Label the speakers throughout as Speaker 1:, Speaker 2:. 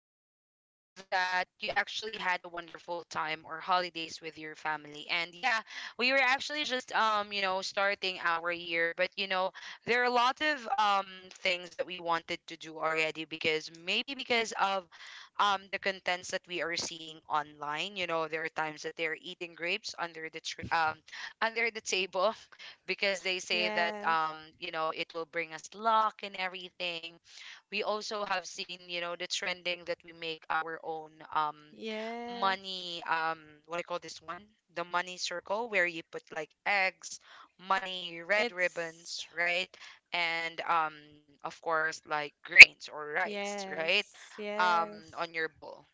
Speaker 1: are you? And I'm hoping that you actually had a wonderful time or holidays with your family. And yeah, we were actually just starting our year, but there are a lot of things that we wanted to do already because maybe because of the contents that we are seeing online. There are times that they're eating grapes under the tree, under the table, because they say that
Speaker 2: Yes.
Speaker 1: it will bring us luck and everything. We also have seen the trending that we make our own
Speaker 2: Yes.
Speaker 1: money. What do you call this one? The money circle where you put like eggs, money, red
Speaker 2: It's
Speaker 1: ribbons, right? And of course, like grains or rice, right?
Speaker 2: Yes.
Speaker 1: um
Speaker 2: Yes.
Speaker 1: on your bowl,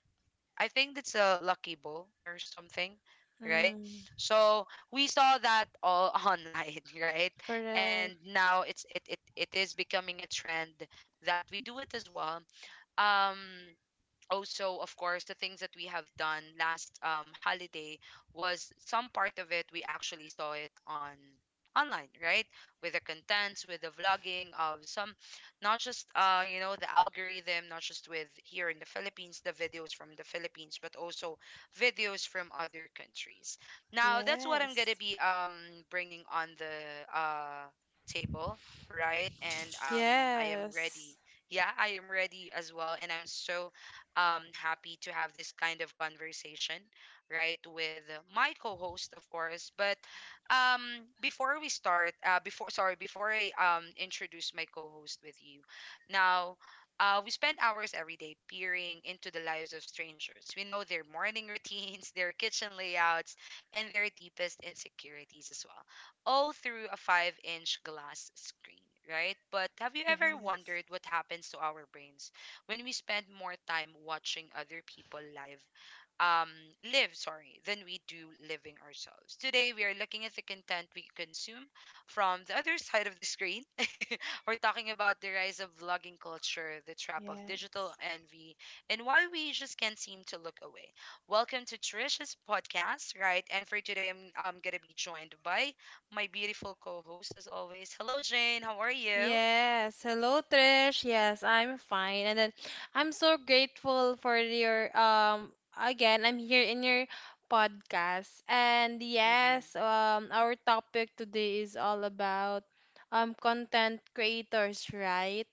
Speaker 1: I think it's a lucky ball or something, right?
Speaker 2: Mm,
Speaker 1: So we saw that all online, right? And
Speaker 2: correct.
Speaker 1: now it's it, it it is becoming a trend that we do it as well. Um Also, of course, the things that we have done last holiday was, some part of it, we actually saw it on online, right? With the contents, with the vlogging of some, not just the algorithm, not just with here in the Philippines, the videos from the Philippines, but also videos from other countries. Now that's what I'm gonna
Speaker 2: Yes.
Speaker 1: be bringing on the table, right? And I am ready.
Speaker 2: Yes.
Speaker 1: Yeah, I am ready as well, and I'm so happy to have this kind of conversation, right, with my co-host, of course. But um before we start, before, sorry, before I introduce my co-host with you now, we spend hours every day peering into the lives of strangers. We know their morning routines, their kitchen layouts, and their deepest insecurities as well, all through a 5-inch glass screen, right? But have you ever
Speaker 2: Yes.
Speaker 1: wondered what happens to our brains when we spend more time watching other people um live sorry than we do living ourselves? Today we are looking at the content we consume from the other side of the screen. We're talking about the rise of vlogging culture, the trap of digital
Speaker 2: Yes.
Speaker 1: envy, and why we just can't seem to look away. Welcome to Trisha's podcast, right? And for today, I'm gonna be joined by my beautiful co-host as always. Hello, Jane, how are you?
Speaker 2: Yes. Hello, Trish. Yes, I'm fine. And then I'm so grateful for your again, I'm here in your podcast. And
Speaker 1: Mm-mm.
Speaker 2: yes, our topic today is all about content creators, right?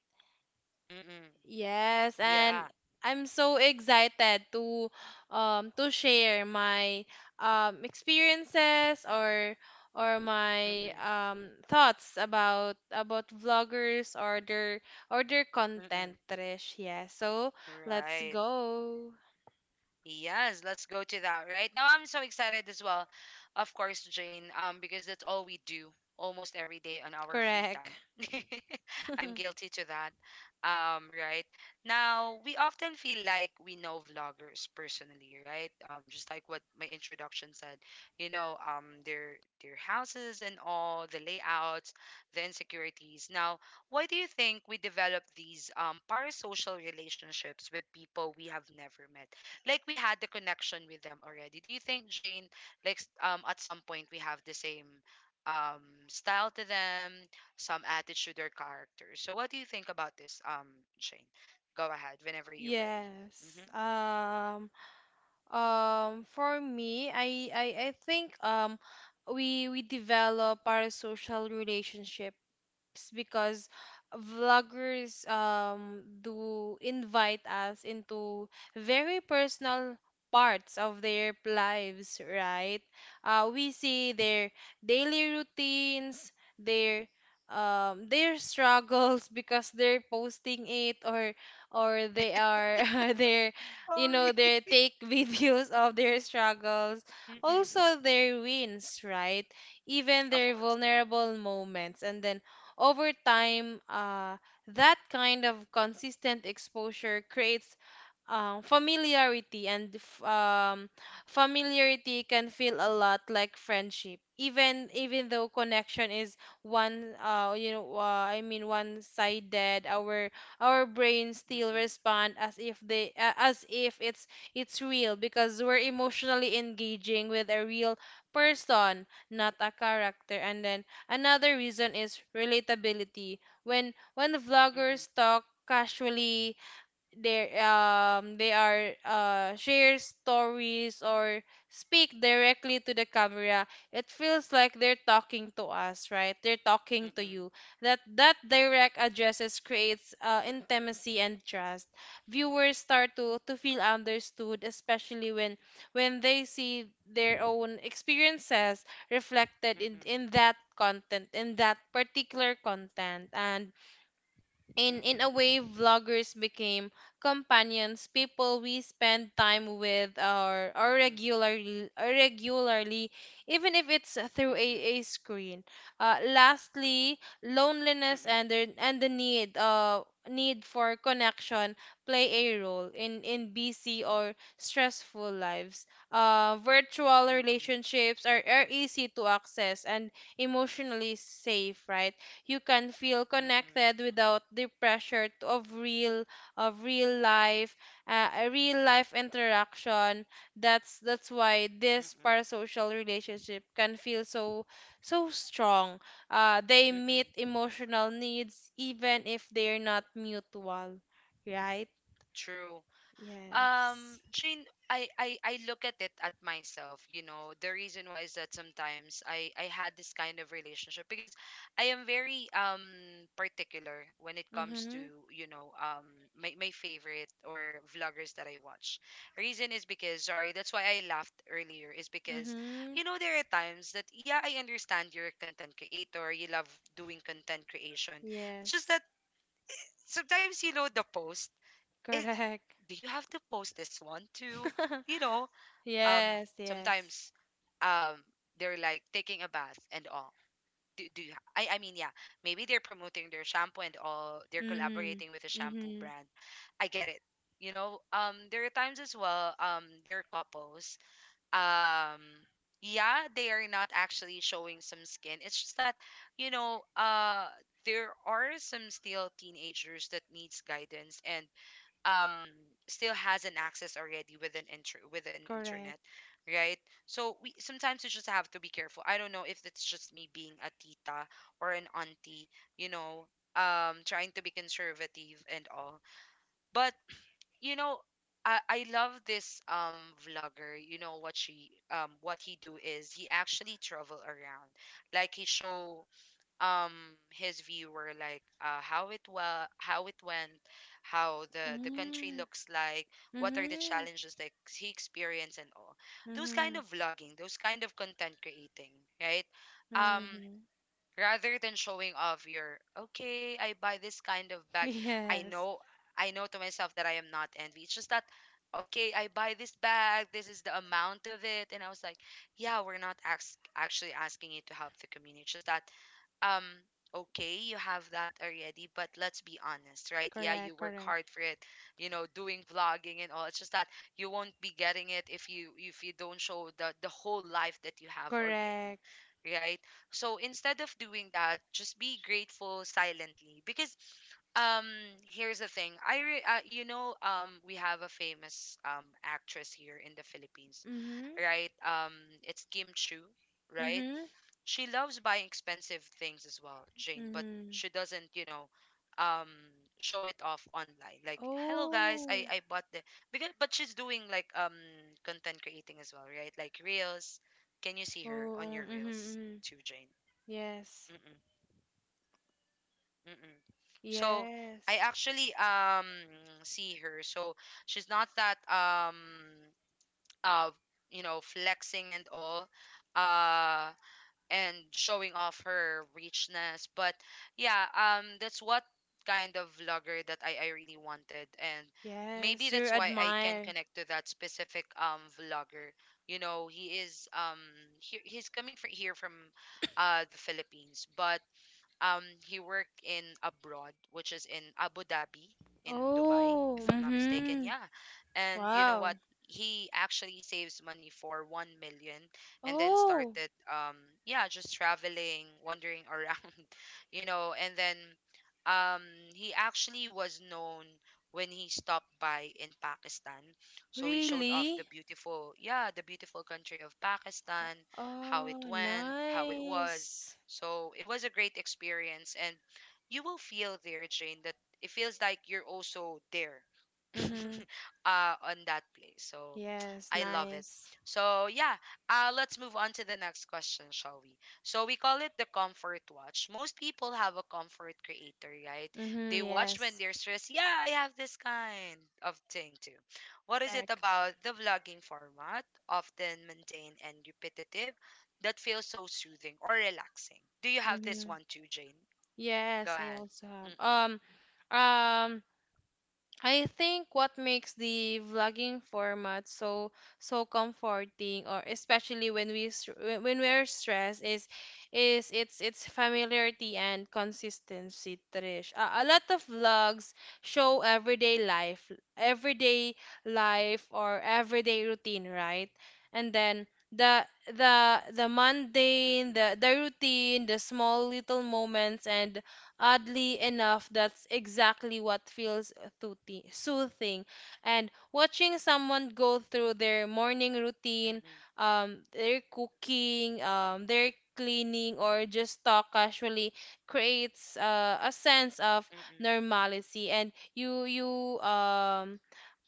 Speaker 1: Mm-mm.
Speaker 2: Yes, and
Speaker 1: Yeah.
Speaker 2: I'm so excited to share my experiences or my
Speaker 1: Mm-mm.
Speaker 2: thoughts about vloggers or their content,
Speaker 1: Mm-mm.
Speaker 2: Trish. Yeah. So, let's
Speaker 1: Right.
Speaker 2: go.
Speaker 1: Yes, let's go to that right now. I'm so excited as well, of course, Jane, because that's all we do almost every day on our free
Speaker 2: Correct.
Speaker 1: time. I'm guilty to that. Right now, we often feel like we know vloggers personally, right? Just like what my introduction said, their houses and all the layouts, the insecurities. Now, why do you think we develop these parasocial relationships with people we have never met? Like we had the connection with them already. Do you think, Jane, like at some point we have the same um style to them, some attitude or character? So what do you think about this, Jane? Go ahead whenever you're ready.
Speaker 2: Yes.
Speaker 1: Mm-hmm.
Speaker 2: For me, I think we develop our social relationship tips because vloggers do invite us into very personal parts of their lives, right? We see their daily routines, their their struggles because they're posting it, or they are. their You
Speaker 1: Sorry.
Speaker 2: know, they take videos of their struggles,
Speaker 1: Mm-mm.
Speaker 2: also their wins, right, even
Speaker 1: Of
Speaker 2: their
Speaker 1: course.
Speaker 2: vulnerable moments. And then over time, that kind of consistent exposure creates familiarity. And familiarity can feel a lot like friendship, even though connection is one, I mean, one sided Our brains still
Speaker 1: Mm-mm.
Speaker 2: respond as if they as if it's real because we're emotionally engaging with a real person, not a character. And then another reason is relatability. When vloggers
Speaker 1: Mm-mm.
Speaker 2: talk casually, there they are share stories or speak directly to the camera. It feels like they're talking to us, right, they're talking to you.
Speaker 1: Mm-mm.
Speaker 2: That direct addresses creates intimacy and trust. Viewers start to feel understood, especially when they see their own experiences reflected
Speaker 1: Mm-mm.
Speaker 2: in that particular content. And in a
Speaker 1: Mm-mm.
Speaker 2: way, vloggers became companions, people we spend time with or
Speaker 1: Mm-mm.
Speaker 2: regularly or regularly, even if it's through
Speaker 1: Mm-mm. Mm-mm.
Speaker 2: a screen. Lastly, loneliness and the need for connection play a role in busy or stressful lives. Virtual
Speaker 1: Mm-mm.
Speaker 2: relationships are easy to access and emotionally safe, right. You can feel
Speaker 1: Mm-mm. Mm-mm.
Speaker 2: connected without the pressure of real life, a real life interaction. That's why this parasocial relationship can feel so strong. They meet
Speaker 1: Mm-mm.
Speaker 2: emotional needs even if they're not mutual, right.
Speaker 1: True.
Speaker 2: Yes.
Speaker 1: Jane, I look at it at myself, The reason why is that sometimes I had this kind of relationship because I am very particular when it comes to,
Speaker 2: Mhm.
Speaker 1: you know, um my favorite or vloggers that I watch. Reason is because, sorry, that's why I laughed earlier, is because,
Speaker 2: Mhm.
Speaker 1: there are times that, yeah, I understand you're a content creator, you love doing content creation. It's just
Speaker 2: Yes.
Speaker 1: that sometimes you load the post. It,
Speaker 2: Correct.
Speaker 1: do you have to post this one too? You know, um,
Speaker 2: Yes. Yes.
Speaker 1: Sometimes um they're like taking a bath and all. Do you, I mean, yeah, maybe they're promoting their shampoo and all. They're
Speaker 2: Mhm.
Speaker 1: collaborating with a shampoo
Speaker 2: Mhm.
Speaker 1: brand. I get it. There are times as well, there are couples. Um, yeah, they are not actually showing some skin. It's just that, you know, uh, there are some still teenagers that needs guidance and um still has an access already with an internet,
Speaker 2: Correct.
Speaker 1: right? So we sometimes, you just have to be careful. I don't know if it's just me being a tita or an auntie, you know trying to be conservative and all, but you know I love this vlogger. You know what she what he do is, he actually travel around. Like he show um his view were, like, how it went, how the country
Speaker 2: Mm,
Speaker 1: looks like, what are the
Speaker 2: mhm,
Speaker 1: challenges that he experienced and all. Those kind
Speaker 2: mhm,
Speaker 1: of vlogging, those kind of content creating, right? um
Speaker 2: mhm.
Speaker 1: Rather than showing off your, okay, I buy this kind of bag. i
Speaker 2: Yes,
Speaker 1: know I know to myself that I am not envy. It's just that, okay, I buy this bag, this is the amount of it, and I was like, yeah, we're not actually asking you to help the community. It's just that, um okay, you have that already, but let's be honest, right? Yeah, you
Speaker 2: correct,
Speaker 1: work
Speaker 2: correct,
Speaker 1: hard for it, doing vlogging and all. It's just that you won't be getting it if you, don't show the whole life that you have already,
Speaker 2: correct.
Speaker 1: right? So instead of doing that, just be grateful silently because um here's the thing. I re- you know We have a famous actress here in the Philippines,
Speaker 2: Mhm,
Speaker 1: right? It's Kim Chu, right?
Speaker 2: mhm,
Speaker 1: She loves buying expensive things as well, Jane, but
Speaker 2: mhm.
Speaker 1: she doesn't, um show it off online. Like, "Hello guys, I
Speaker 2: Oh,
Speaker 1: I bought the…" Because, but she's doing like content creating as well, right? Like reels. Can you see her on
Speaker 2: oh,
Speaker 1: your
Speaker 2: mhm,
Speaker 1: reels
Speaker 2: mhm.
Speaker 1: too, Jane?
Speaker 2: Yes,
Speaker 1: Mm-mm, mm-mm. So I
Speaker 2: yes,
Speaker 1: actually see her. So she's not that uh flexing and all, uh and showing off her richness. But yeah, that's what kind of vlogger that I really wanted, and maybe
Speaker 2: yes. You
Speaker 1: that's why I can
Speaker 2: admire.
Speaker 1: connect to that specific vlogger. You know, he is um he's coming from here, from the Philippines, but he worked in abroad, which is in Abu Dhabi, in Dubai,
Speaker 2: Oh,
Speaker 1: if I'm not mistaken.
Speaker 2: mhm.
Speaker 1: Yeah. And you know
Speaker 2: Wow.
Speaker 1: what? He actually saves money for 1 million and then
Speaker 2: Oh,
Speaker 1: started, yeah, just traveling, wandering around, and then um, he actually was known when he stopped by in Pakistan. So he showed off
Speaker 2: really?
Speaker 1: the beautiful country of Pakistan, how it
Speaker 2: Oh,
Speaker 1: went, how it was,
Speaker 2: nice.
Speaker 1: so it was a great experience, and you will feel there, Jane, that it feels like you're also there.
Speaker 2: Mhm.
Speaker 1: On that place. So
Speaker 2: Yes,
Speaker 1: I love it.
Speaker 2: nice.
Speaker 1: So yeah, let's move on to the next question, shall we? So we call it the comfort watch. Most people have a comfort creator, right? They
Speaker 2: Mhm.
Speaker 1: watch when
Speaker 2: Yes,
Speaker 1: they're stressed. Yeah, I have this kind of thing too. What is it
Speaker 2: correct.
Speaker 1: about the vlogging format, often mundane and repetitive, that feels so soothing or relaxing? Do you have this
Speaker 2: Mhm.
Speaker 1: one too, Jane? Go
Speaker 2: Yes, I
Speaker 1: ahead.
Speaker 2: also have.
Speaker 1: Mm-mm,
Speaker 2: Um, um, I think what makes the vlogging format so comforting, or especially when we're stressed, is it's familiarity and consistency, Trish. A lot of vlogs show everyday life, everyday or everyday routine, right? And then the the mundane,
Speaker 1: mm-mm,
Speaker 2: the routine, the small little moments, and oddly enough, that's exactly what feels soothing. And watching someone go through their morning routine,
Speaker 1: mm-mm,
Speaker 2: their cooking, their cleaning, or just talk casually creates a sense of
Speaker 1: mm-mm,
Speaker 2: normalcy. And you,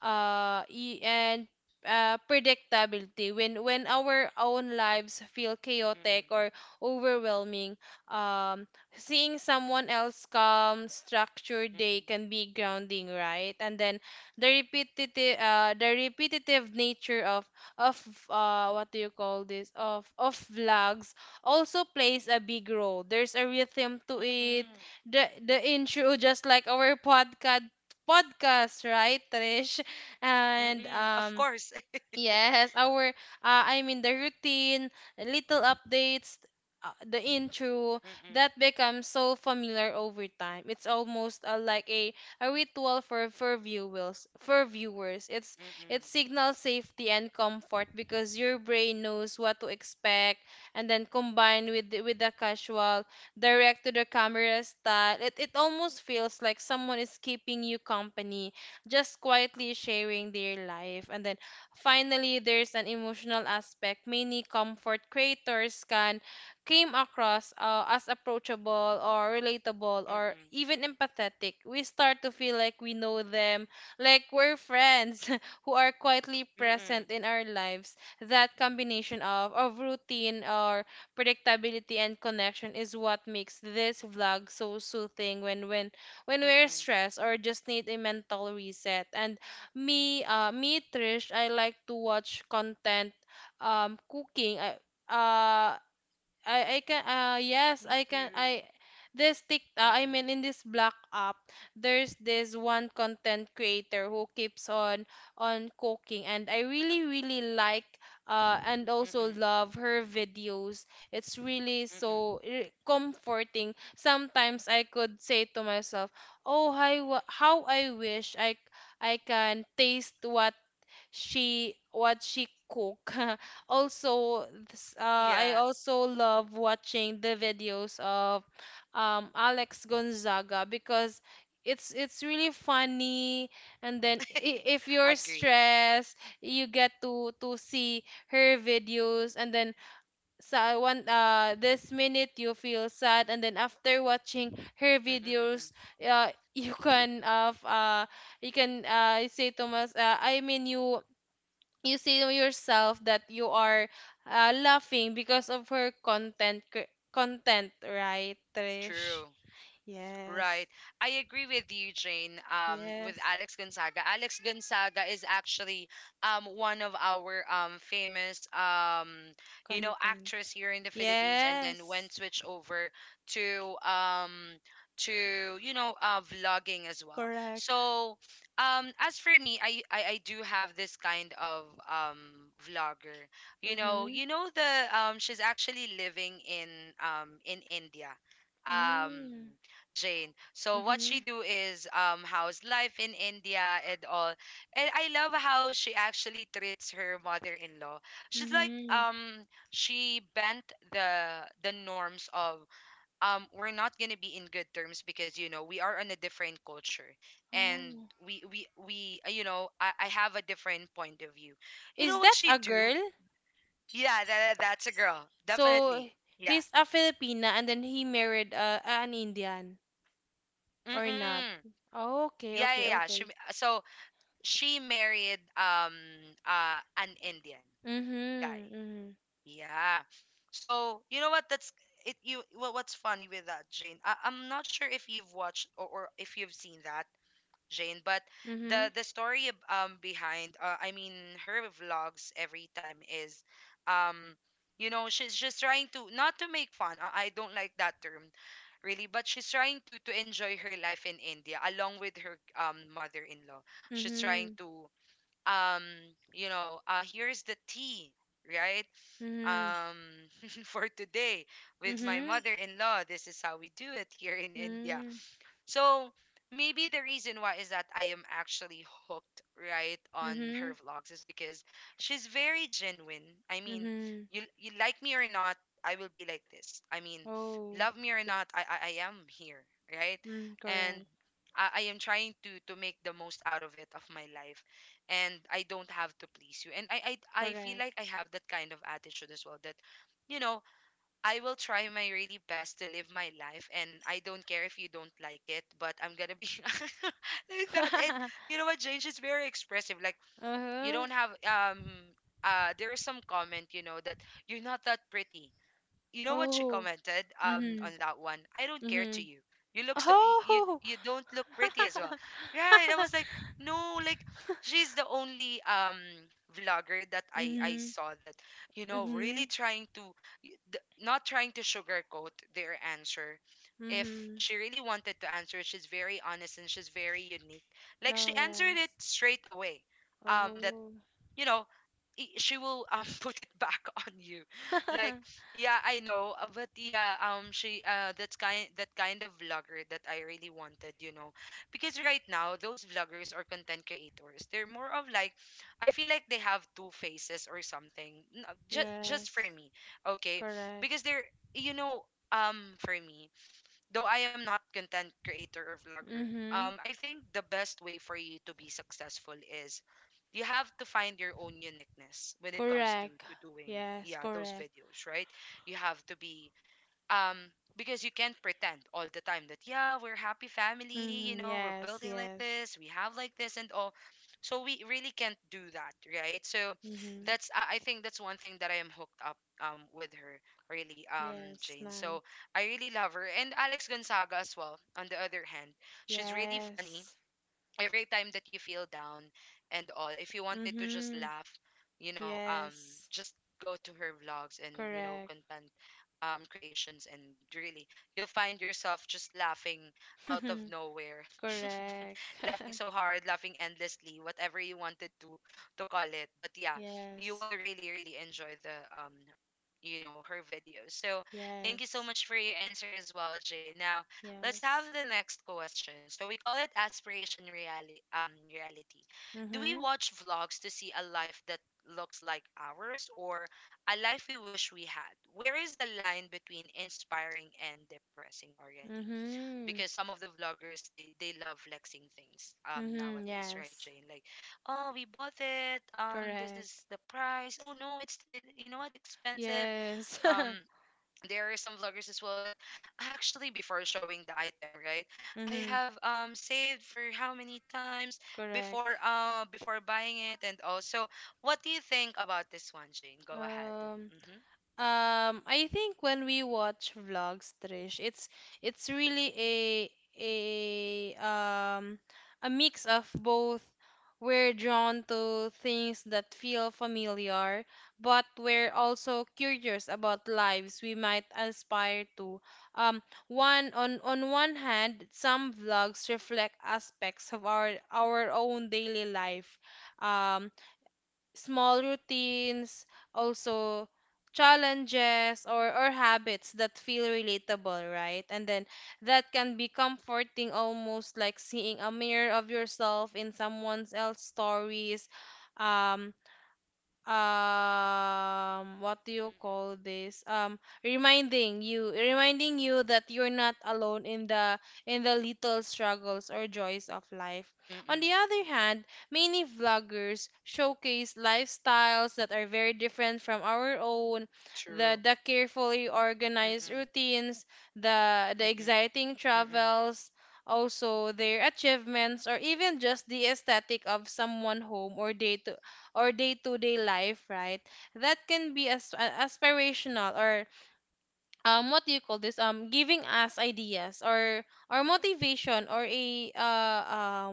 Speaker 2: y- And predictability, when our own lives feel
Speaker 1: mm-mm,
Speaker 2: chaotic or overwhelming, um seeing someone else calm, structured day
Speaker 1: mm-mm,
Speaker 2: can be grounding, right? And then the repetitive, nature of what do you call this? Of vlogs also plays a big role. There's a rhythm to it.
Speaker 1: mm-mm.
Speaker 2: The intro, just like our podcast, right, Trish? And
Speaker 1: Mm-mm. Of course.
Speaker 2: Yes, our I mean, the routine, little updates, the intro, that
Speaker 1: Mm-mm.
Speaker 2: becomes so familiar over time. It's almost like a ritual for viewers. For viewers, it
Speaker 1: Mm-mm.
Speaker 2: signals safety and comfort because your brain knows what to expect, and then combined with with the casual direct to the camera style. It almost feels like someone is keeping you company, just quietly sharing their life. And then, finally, there's an emotional aspect. Many comfort creators can came across as approachable or relatable or
Speaker 1: Mm-mm.
Speaker 2: even empathetic. We start to feel like we know them, like we're friends who are quietly
Speaker 1: Mm-mm.
Speaker 2: present in our lives. That combination of routine or predictability and connection is what makes this vlog so soothing when we're
Speaker 1: Mm-mm.
Speaker 2: stressed or just need a mental reset. And me, Trish, I like to watch content, cooking. Uh, I can
Speaker 1: Me too.
Speaker 2: I mean,
Speaker 1: Mm-mm.
Speaker 2: in this black app there's this one content creator who keeps on cooking, and I really really like, and also
Speaker 1: Mm-mm.
Speaker 2: love, her videos. It's really so
Speaker 1: Mm-mm.
Speaker 2: comforting. Sometimes I could say to myself, oh, how I wish I can taste what she cook. Also, this, uh, I
Speaker 1: Yeah,
Speaker 2: also love watching the videos of Alex Gonzaga because it's really funny. And then, if you're
Speaker 1: agree.
Speaker 2: stressed, you get to see her videos, and then, so, one this minute you feel sad, and then after watching her
Speaker 1: Mm-mm. Mm-mm.
Speaker 2: videos, uh you can, say to us I mean, you see to yourself that you are laughing because of her content, right, Trish?
Speaker 1: True.
Speaker 2: Yes.
Speaker 1: Right. I agree with you, Jane, with
Speaker 2: Yes.
Speaker 1: Alex Gonzaga. Alex Gonzaga is actually one of our famous,
Speaker 2: Content.
Speaker 1: actress here in the Philippines, and then
Speaker 2: Yes.
Speaker 1: went switch over to, vlogging as well.
Speaker 2: Correct.
Speaker 1: So as for me, I do have this kind of um, vlogger.
Speaker 2: Mhm.
Speaker 1: You know the She's actually living in India. Um,
Speaker 2: Mm.
Speaker 1: Jane. So what she
Speaker 2: Mhm.
Speaker 1: do is, how's life in India and all. And I love how she actually treats her mother-in-law. She's like
Speaker 2: Mhm.
Speaker 1: um she bent the norms of, we're not going to be in good terms because we are on a different culture, and
Speaker 2: Oh,
Speaker 1: we you know I have a different point of view. You know
Speaker 2: is
Speaker 1: what
Speaker 2: that
Speaker 1: she
Speaker 2: a
Speaker 1: do?
Speaker 2: girl?
Speaker 1: Yeah, that's a girl.
Speaker 2: So
Speaker 1: Definitely. Yeah.
Speaker 2: he's a Filipina, and then he married an Indian, or not?
Speaker 1: Mm-mm.
Speaker 2: Oh, okay,
Speaker 1: Yeah,
Speaker 2: okay,
Speaker 1: yeah, yeah.
Speaker 2: okay.
Speaker 1: So she married an Indian guy.
Speaker 2: Mhm. Mhm.
Speaker 1: Yeah. So you know what? That's it. You Well, what's funny with that, Jane? I'm not sure if you've watched or if you've seen that, Jane. But the
Speaker 2: Mhm.
Speaker 1: the story behind, I mean, her vlogs every time is, um she's just trying to not to make fun. I don't like that term really, but she's trying to enjoy her life in india along with her mother-in-law. She's trying
Speaker 2: Mhm.
Speaker 1: to um here's the tea, right?
Speaker 2: Mhm.
Speaker 1: um for today with my
Speaker 2: Mhm.
Speaker 1: mother-in-law, this is how we do it here in india.
Speaker 2: Mm.
Speaker 1: So maybe the reason why is that I am actually hooked, right, on
Speaker 2: Mhm.
Speaker 1: her vlogs is because she's very genuine. I mean,
Speaker 2: Mhm.
Speaker 1: you like me or not, I will be like this. I mean,
Speaker 2: Oh.
Speaker 1: love me or not, I am here, right?
Speaker 2: Mm,
Speaker 1: And
Speaker 2: correct.
Speaker 1: I am trying to make the most out of it of my life, and I don't have to please you. And I feel
Speaker 2: Correct.
Speaker 1: like I have that kind of attitude as well that you know I will try my really best to live my life, and I don't care if you don't like it, but I'm gonna be like that. And you know what, James is very expressive. Like you
Speaker 2: Uh-huh.
Speaker 1: don't have there is some comment, that you're not that pretty. You know what she
Speaker 2: Oh.
Speaker 1: commented on
Speaker 2: Mhm.
Speaker 1: that one? I don't care to
Speaker 2: Mhm.
Speaker 1: you. You look so
Speaker 2: Oh.
Speaker 1: you don't look pretty as well. Right? I was like, no, like, she's the only vlogger that i
Speaker 2: Mhm.
Speaker 1: saw that really
Speaker 2: Mhm.
Speaker 1: trying to not trying to sugarcoat their answer. If
Speaker 2: Mhm.
Speaker 1: she really wanted to answer, she's very honest and she's very unique. Like,
Speaker 2: Oh,
Speaker 1: she answered it
Speaker 2: yes.
Speaker 1: straight away. That
Speaker 2: Oh.
Speaker 1: you know she will put it back on you. Like, yeah, I know, but yeah, she that's kind of vlogger that I really wanted, you know? Because right now those vloggers or content creators, they're more of like, I feel like they have two faces or something. Just for
Speaker 2: Yes.
Speaker 1: me. Okay,
Speaker 2: Correct.
Speaker 1: because they're you know for me, though I am not content creator or vlogger,
Speaker 2: Mhm.
Speaker 1: I think the best way for you to be successful is you have to find your own uniqueness when it comes to
Speaker 2: Correct.
Speaker 1: to doing,
Speaker 2: Yes,
Speaker 1: yeah, those
Speaker 2: correct.
Speaker 1: videos, right? You have to be um because you can't pretend all the time that yeah, we're happy family, you
Speaker 2: Mhm.
Speaker 1: know, we're
Speaker 2: Yes,
Speaker 1: building like
Speaker 2: yes.
Speaker 1: this, we have like this and all. So we really can't do that, right? So
Speaker 2: Mhm.
Speaker 1: that's I think that's one thing that I am hooked up with her, really,
Speaker 2: Yes,
Speaker 1: jane. So
Speaker 2: nice.
Speaker 1: I really love her and alex gonzaga as well on the other hand. She's really funny.
Speaker 2: Yes.
Speaker 1: Every time that you feel down and all, if you wanted to just
Speaker 2: Mm-hmm.
Speaker 1: laugh, you know um
Speaker 2: Yes.
Speaker 1: just go to her vlogs and, you know,
Speaker 2: Correct.
Speaker 1: content creations, and really, you'll find yourself just laughing out of nowhere,
Speaker 2: Correct.
Speaker 1: laughing so hard, laughing endlessly, whatever you wanted to call it, but yeah, you
Speaker 2: Yes.
Speaker 1: will really really enjoy the you know, her videos. So thank you so
Speaker 2: Yes.
Speaker 1: much for your answer as well, jay. Now let's have
Speaker 2: Yes.
Speaker 1: the next question. So we call it aspiration reality. Reality. Do we
Speaker 2: Mm-hmm.
Speaker 1: watch vlogs to see a life that looks like ours, or a life we wish we had? Where is the line between inspiring and depressing already?
Speaker 2: Mm-hmm.
Speaker 1: Because some of the vloggers, they love flexing things
Speaker 2: Mm-hmm.
Speaker 1: nowadays, right,
Speaker 2: Yes.
Speaker 1: Jane? Like, oh, we bought it. This
Speaker 2: Correct.
Speaker 1: is the price. Oh no, it's it, you know what, expensive.
Speaker 2: Yes.
Speaker 1: Um, there are some vloggers as well that actually before showing the item, right, I
Speaker 2: Mm-hmm.
Speaker 1: have saved for how many times before
Speaker 2: Correct.
Speaker 1: before buying it, and also what do you think about this one, jane? Go ahead.
Speaker 2: Um,
Speaker 1: Mm-hmm.
Speaker 2: I think when we watch vlogs, Trish, it's really a um a mix of both. We're drawn to things that feel familiar, but we're also curious about lives we might aspire to. Um, one On one hand, some vlogs reflect aspects of our own daily life. Um, Small routines, also challenges or habits that feel relatable, right? And then that can be comforting, almost like seeing a mirror of yourself in someone else's stories. Um what do you
Speaker 1: Mm-mm.
Speaker 2: call this Reminding you that you're not alone in the little struggles or joys of life. On the
Speaker 1: Mm-mm.
Speaker 2: other hand, many vloggers showcase lifestyles that are very different from our own:
Speaker 1: True.
Speaker 2: the carefully organized
Speaker 1: Mm-mm.
Speaker 2: routines, the
Speaker 1: Mm-mm.
Speaker 2: exciting
Speaker 1: Mm-mm.
Speaker 2: travels, also their achievements, or even just the aesthetic of someone home or day to or day-to-day life, right? That can be as aspirational, or what do you call this? Giving us ideas or motivation, or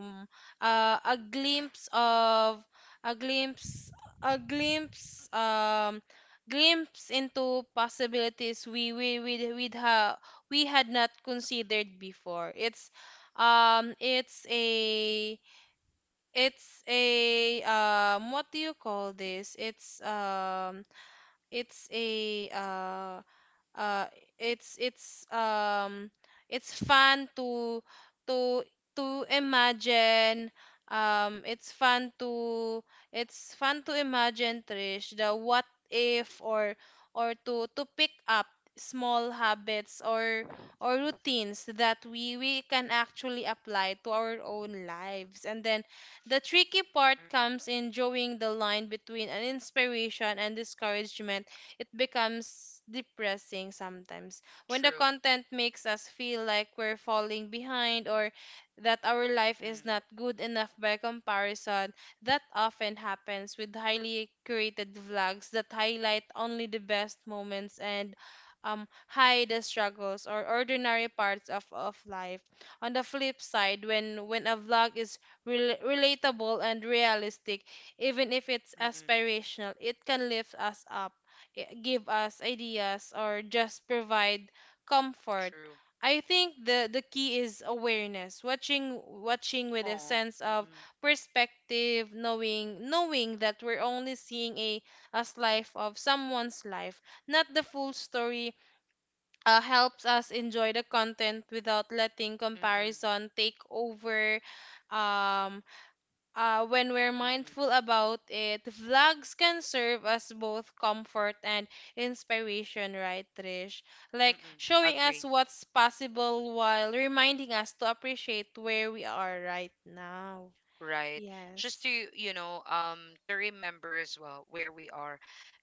Speaker 2: um a glimpse of a glimpse a glimpse glimpse into possibilities we had not considered before. Um it's a it's a what do you call this? It's a uh it's it's fun to to imagine um it's fun to it's fun to imagine, Trish, the what if, or to pick up small habits or routines that we can actually apply to our own lives. And then the tricky part
Speaker 1: Mm-mm.
Speaker 2: comes in drawing the line between an inspiration and discouragement. It becomes depressing sometimes when the
Speaker 1: True.
Speaker 2: content makes us feel like we're falling behind, or that our life is
Speaker 1: Mm.
Speaker 2: not good enough by comparison. That often happens with highly curated vlogs that highlight only the best moments and hide the struggles or ordinary parts of life. On the flip side, when a vlog is relatable and realistic, even if it's
Speaker 1: Mm-mm.
Speaker 2: aspirational, it can lift us up, give us ideas, or just provide comfort.
Speaker 1: True.
Speaker 2: I think the key is awareness, watching with a
Speaker 1: Oh.
Speaker 2: sense of
Speaker 1: Mm-mm.
Speaker 2: perspective, knowing that we're only seeing a slice of someone's life, not the full story. Helps us enjoy the content without letting
Speaker 1: Mm-mm.
Speaker 2: comparison take over. Um, when we're
Speaker 1: Mm-mm.
Speaker 2: mindful about it, vlogs can serve as both comfort and inspiration, right, Trish? Like
Speaker 1: Mm-mm.
Speaker 2: showing us
Speaker 1: Agree.
Speaker 2: what's possible while reminding us to appreciate where we are right now.
Speaker 1: Right. Just
Speaker 2: Yes,
Speaker 1: to, you know, to remember as well where we are.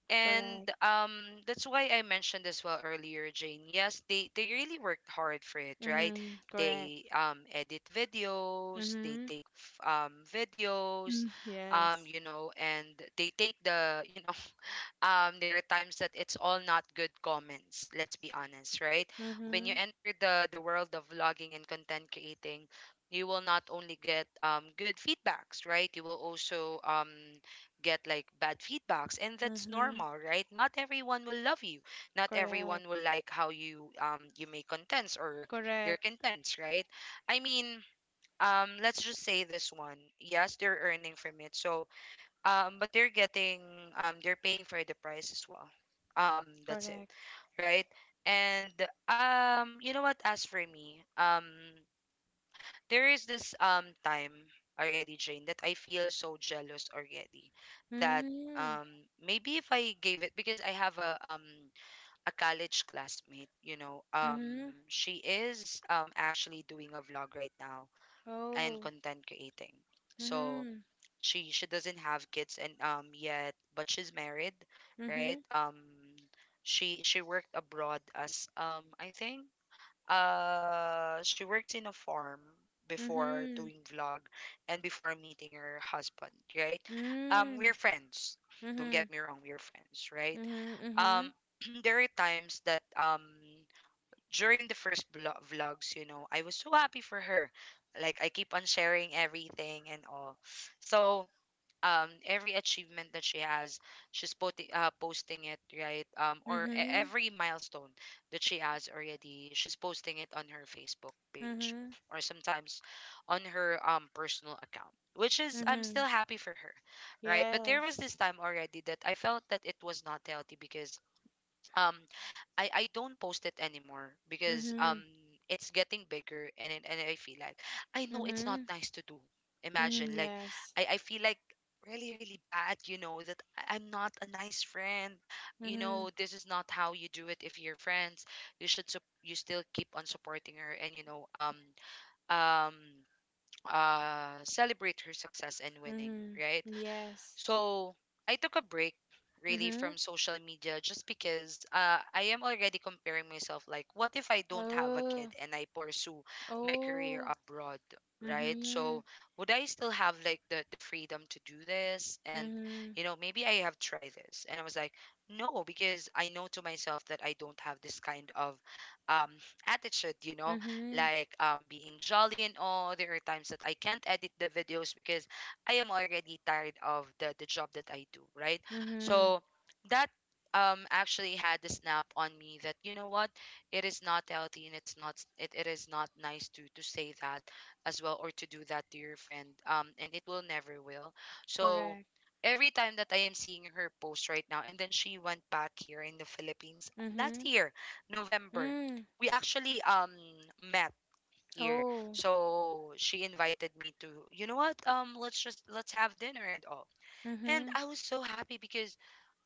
Speaker 1: And
Speaker 2: correct.
Speaker 1: that's why I mentioned as well earlier, Jane. Yes, they really worked hard for it, right?
Speaker 2: Mm-hmm, correct.
Speaker 1: They edit videos, they
Speaker 2: Mm-hmm.
Speaker 1: take videos,
Speaker 2: Mm. Yes.
Speaker 1: you know, and they take the, you know, there are times that it's all not good comments. Let's be honest, right? When
Speaker 2: Mm-hmm.
Speaker 1: you enter the world of vlogging and content creating, you will not only get good feedbacks, right? You will also get like bad feedbacks, and that's
Speaker 2: Mm-hmm.
Speaker 1: normal, right? Not everyone will love you, not everyone
Speaker 2: Correct.
Speaker 1: will like how you you make contents or your
Speaker 2: Correct.
Speaker 1: contents, right? I mean, let's just say this one, yes, they're earning from it, so but they're getting they're paying for the price as well. That's it,
Speaker 2: Correct.
Speaker 1: right? And you know what, as for me, there is this time already, Jane, that I feel so jealous already, that
Speaker 2: Mm-hmm.
Speaker 1: maybe if I gave it, because I have a college classmate, you know,
Speaker 2: Mm-hmm.
Speaker 1: she is actually doing a vlog right now and
Speaker 2: Oh.
Speaker 1: content creating. So
Speaker 2: Mm-hmm.
Speaker 1: she doesn't have kids and yet, but she's married,
Speaker 2: Mm-hmm.
Speaker 1: right? Um, she worked abroad as I think, she works in a farm before
Speaker 2: Mm-hmm.
Speaker 1: doing vlog and before meeting her husband, right? We're
Speaker 2: Mm.
Speaker 1: friends. Don't
Speaker 2: Mhm.
Speaker 1: get me wrong, we're friends, right?
Speaker 2: Mhm.
Speaker 1: Um,
Speaker 2: Mhm.
Speaker 1: there are times that during the first vlogs, you know, I was so happy for her. Like I keep on sharing everything and all. So every achievement that she has, she's posting it, right, or
Speaker 2: Mhm.
Speaker 1: every milestone that she has already, she's posting it on her facebook page,
Speaker 2: Mhm.
Speaker 1: or sometimes on her personal account, which is I'm still
Speaker 2: Mhm.
Speaker 1: happy for her, right? But there was
Speaker 2: Yes.
Speaker 1: this time already that I felt that it was not healthy because um I don't post it anymore, because
Speaker 2: Mhm.
Speaker 1: it's getting bigger and I feel like I know it's not
Speaker 2: Mhm.
Speaker 1: nice to do.
Speaker 2: Mhm.
Speaker 1: Imagine like
Speaker 2: Yes.
Speaker 1: I feel like really really bad, you know, that I'm not a nice friend. You know,
Speaker 2: Mhm.
Speaker 1: this is not how you do it if you're friends. You should you still keep on supporting her, and you know, um celebrate her success and winning,
Speaker 2: Mhm.
Speaker 1: right?
Speaker 2: Yes.
Speaker 1: So I took a break really
Speaker 2: Mhm.
Speaker 1: from social media, just because I am already comparing myself, like what if I don't have a kid
Speaker 2: Oh.
Speaker 1: and I pursue my career
Speaker 2: Oh.
Speaker 1: abroad, right?
Speaker 2: Mhm.
Speaker 1: So would I still have like the freedom to do this? And
Speaker 2: Mhm.
Speaker 1: you know, maybe I have tried this. And I was like, no, because I know to myself that I don't have this kind of um attitude, you know,
Speaker 2: Mhm.
Speaker 1: like being jolly and all. There are times that I can't edit the videos because I am already tired of the job that I do, right?
Speaker 2: Mhm.
Speaker 1: So that actually had the snap on me that, you know what, it is not healthy, and it is not nice to say that as well, or to do that to your friend, and it will never will. So
Speaker 2: Correct.
Speaker 1: every time that I am seeing her post right now, and then she went back here in the Philippines last
Speaker 2: Mhm.
Speaker 1: year, November.
Speaker 2: Mm.
Speaker 1: We actually met year.
Speaker 2: Oh.
Speaker 1: So she invited me to, you know what, let's just let's have dinner and all. And
Speaker 2: Mhm.
Speaker 1: I was so happy because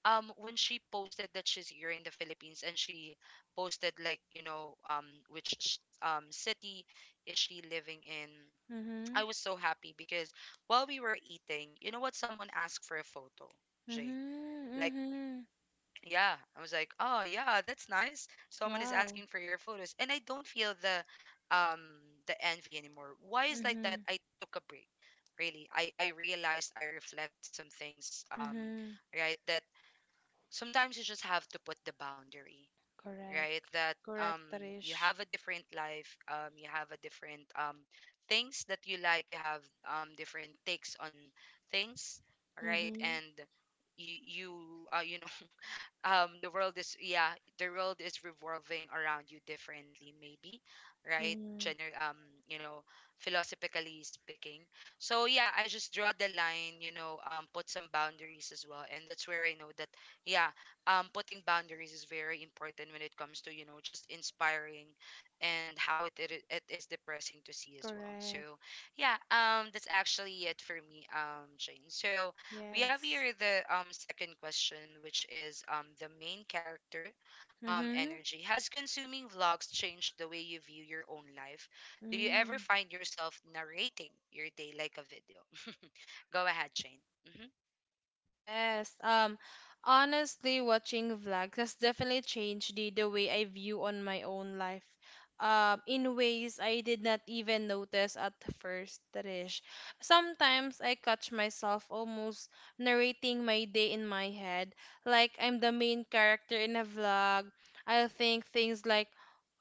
Speaker 1: when she posted that she's here in the Philippines, and she posted like, you know, which city is she living in. I
Speaker 2: Mhm.
Speaker 1: was so happy because while we were eating, you know what? Someone asked for a photo, Jane. Like
Speaker 2: Mhm. Mhm.
Speaker 1: yeah, I was like, oh yeah, that's nice. Someone is
Speaker 2: Wow.
Speaker 1: asking for your photos, and I don't feel the envy anymore. Why is like that?
Speaker 2: Mhm.
Speaker 1: I took a break. Really, I realized I reflect some things.
Speaker 2: Mhm.
Speaker 1: Right, that sometimes you just have to put the boundary. Right,
Speaker 2: Correct.
Speaker 1: that
Speaker 2: Correct,
Speaker 1: you
Speaker 2: Tarish.
Speaker 1: have a different life. You have a different things that you like. You have different takes on things. Right,
Speaker 2: Mhm.
Speaker 1: and you you you know, the world is, yeah, the world is revolving around you differently maybe, right?
Speaker 2: Mhm.
Speaker 1: Gener- um you know, philosophically speaking. So yeah, I just draw the line, you know, put some boundaries as well, and that's where I know that, yeah, putting boundaries is very important when it comes to, you know, just inspiring and how it is depressing to see as well. So
Speaker 2: Correct.
Speaker 1: yeah, that's actually it for me, jane. So we have
Speaker 2: Yes.
Speaker 1: here the second question, which is the main character
Speaker 2: Mhm.
Speaker 1: energy. Has consuming vlogs changed the way you view your own life? Do you ever
Speaker 2: Mm.
Speaker 1: find yourself narrating your day like a video? Go ahead, Shane. Mm-hmm.
Speaker 2: Yes. Honestly, watching vlogs has definitely changed the way I view on my own life. In ways I did not even notice at first, Trish. Sometimes I catch myself almost narrating my day in my head, like I'm the main character in a vlog. I'll think things like,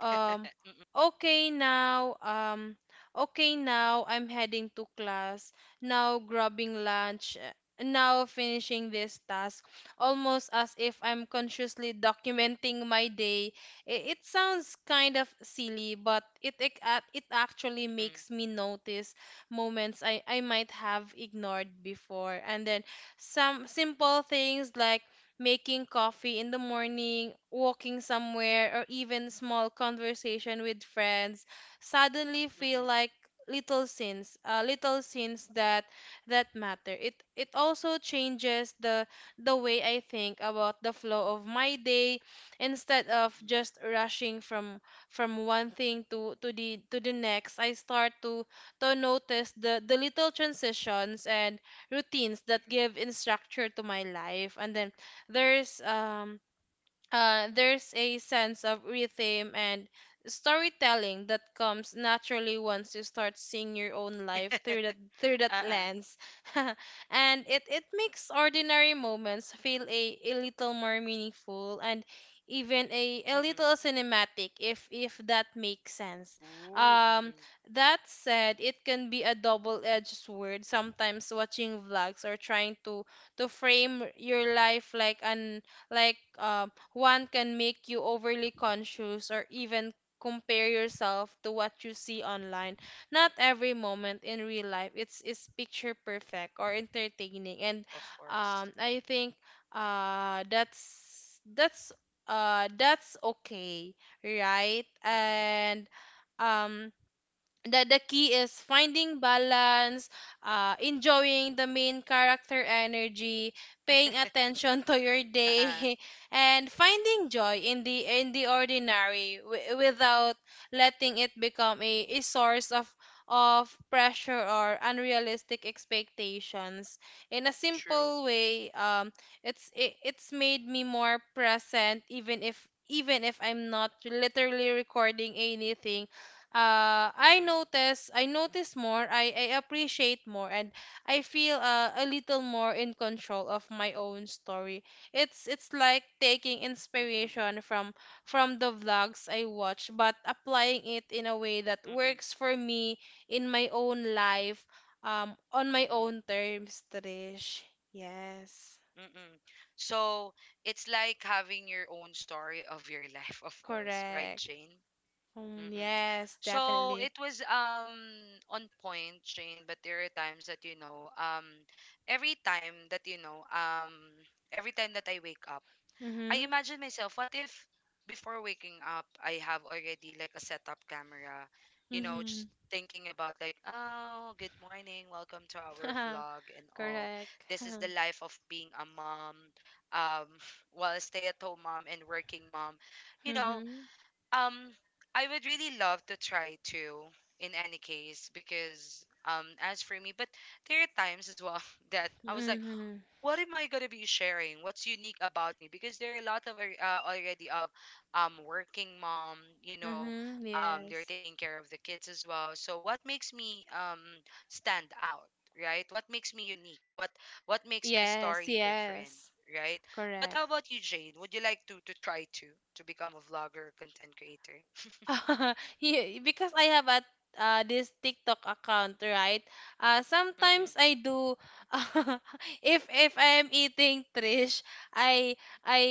Speaker 2: um,
Speaker 1: Mm-mm,
Speaker 2: okay now, okay now I'm heading to class, now grabbing lunch, now finishing this task, almost as if I'm consciously documenting my day. It sounds kind of silly, but it actually
Speaker 1: mm-mm,
Speaker 2: makes me notice moments I might have ignored before. And then some simple things like making coffee in the morning, walking somewhere, or even small conversation with friends suddenly feel
Speaker 1: mm-mm,
Speaker 2: like little sins that matter. It also changes the way I think about the flow of my day, instead of
Speaker 1: mm-mm,
Speaker 2: just rushing from one thing to the next. I start to notice the little transitions and routines that
Speaker 1: mm-mm.
Speaker 2: give in structure to my life. And then there's um there's a sense of rhythm and storytelling that comes naturally once you start seeing your own life through that
Speaker 1: Uh-uh.
Speaker 2: lens. And it makes ordinary moments feel a little more meaningful and even a little
Speaker 1: Mm-mm.
Speaker 2: cinematic if that makes sense.
Speaker 1: Ooh,
Speaker 2: um
Speaker 1: mm-mm.
Speaker 2: that said, it can be a double-edged sword, sometimes watching vlogs or trying to frame your life like one, can make you overly conscious or even compare yourself to what you see online. Not every moment in real life it's is picture perfect or entertaining. And
Speaker 1: Of course.
Speaker 2: I think uh that's that's that's okay, right?
Speaker 1: Mm-mm.
Speaker 2: And um the key is finding balance, enjoying the main character energy, paying attention to your day,
Speaker 1: Uh-uh.
Speaker 2: and finding joy in the ordinary without letting it become a source of pressure or unrealistic expectations. In a
Speaker 1: True.
Speaker 2: simple way, it, it's made me more present. Even if even if I'm not literally recording anything,
Speaker 1: Mm-mm.
Speaker 2: I notice more, I appreciate more, and I feel, a little more in control of my own story. It's it's like taking
Speaker 1: Mm-mm.
Speaker 2: inspiration from the vlogs I watch, but applying it in a way that
Speaker 1: Mm-mm.
Speaker 2: works for me, in my own life, on my
Speaker 1: Mm-mm.
Speaker 2: own terms, Trish. Yes.
Speaker 1: Mm-mm. So it's like having your own story of your life, of course, right,
Speaker 2: Correct.
Speaker 1: Jane?
Speaker 2: Mm,
Speaker 1: Mm-mm.
Speaker 2: yes,
Speaker 1: So
Speaker 2: definitely.
Speaker 1: it was on point, Jane, but there are times that you know every time that you know every time that I wake up. I
Speaker 2: Mm-hmm.
Speaker 1: imagine myself, what if before waking up, I have already like a setup camera, just
Speaker 2: Mm-hmm.
Speaker 1: thinking about like, oh, good morning, welcome to our vlog and all.
Speaker 2: Correct.
Speaker 1: This is the life of being a mom, um, well, a stay-at-home mom and working mom. You know,
Speaker 2: Mm-hmm.
Speaker 1: um, I would really love to try to in any case because as for me but there are times as well that I was like,
Speaker 2: Mm-hmm.
Speaker 1: what am I gonna be sharing? What's unique about me? Because there are a lot of already of working mom,
Speaker 2: Mm-hmm.
Speaker 1: they're
Speaker 2: Yes.
Speaker 1: taking care of the kids as well. So what makes me stand out, right? What makes me unique? What makes my
Speaker 2: Yes,
Speaker 1: story different,
Speaker 2: yes.
Speaker 1: right? But
Speaker 2: Correct.
Speaker 1: how about you, Jane? Would you like to try to become a vlogger or content creator?
Speaker 2: Because I have a, this TikTok account, right?
Speaker 1: Mm-mm,
Speaker 2: Sometimes I do. If I'm eating, Trish, I I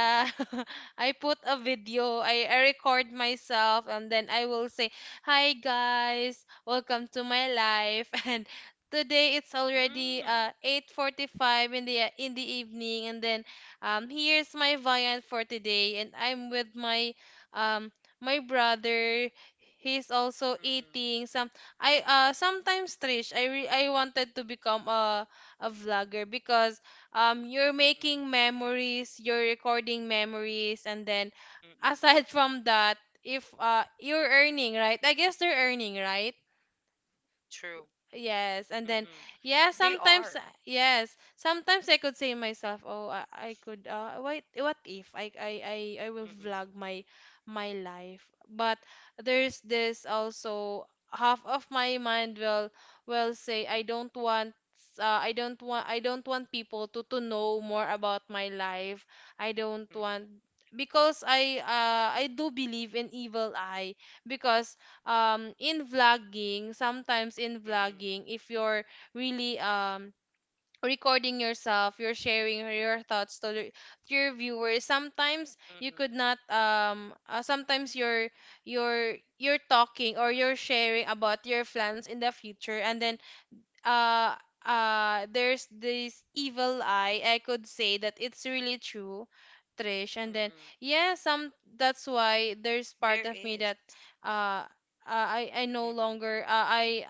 Speaker 1: mm-mm,
Speaker 2: I put a video, I record myself and then I will say, "Hi guys, welcome to my life." And today it's already
Speaker 1: mm-mm,
Speaker 2: 8:45 in the evening, and then here's my viand for today, and I'm with my um my brother. He's also
Speaker 1: mm-mm,
Speaker 2: eating some. I Sometimes, Trish, I wanted to become a vlogger, because you're
Speaker 1: mm-mm,
Speaker 2: making memories, you're recording memories, and then
Speaker 1: mm-mm.
Speaker 2: aside from that, if you're earning, right? I guess they're earning, right?
Speaker 1: True.
Speaker 2: Yes, and then
Speaker 1: Mm-mm.
Speaker 2: yeah,
Speaker 1: They
Speaker 2: sometimes
Speaker 1: are.
Speaker 2: yes, sometimes I could say myself, oh, I could, what if I will
Speaker 1: Mm-mm,
Speaker 2: vlog my life. But there's this also half of my mind will say I don't want, I don't want, I don't want people to know more about my life. I don't want,
Speaker 1: mm-mm.
Speaker 2: because I do believe in evil eye, because in vlogging,
Speaker 1: Mm-mm,
Speaker 2: if you're really, recording yourself, you're sharing your thoughts to, to your viewers. Sometimes you
Speaker 1: mm-mm,
Speaker 2: could not, sometimes you're you're talking, or you're sharing about your plans in the future, and then
Speaker 1: mm-mm,
Speaker 2: uh there's this evil eye. I could say that it's really true, Trish. And then
Speaker 1: mm-mm.
Speaker 2: yeah, some, that's why there's
Speaker 1: There
Speaker 2: part of me
Speaker 1: is.
Speaker 2: that uh I no
Speaker 1: Mm-mm,
Speaker 2: longer, I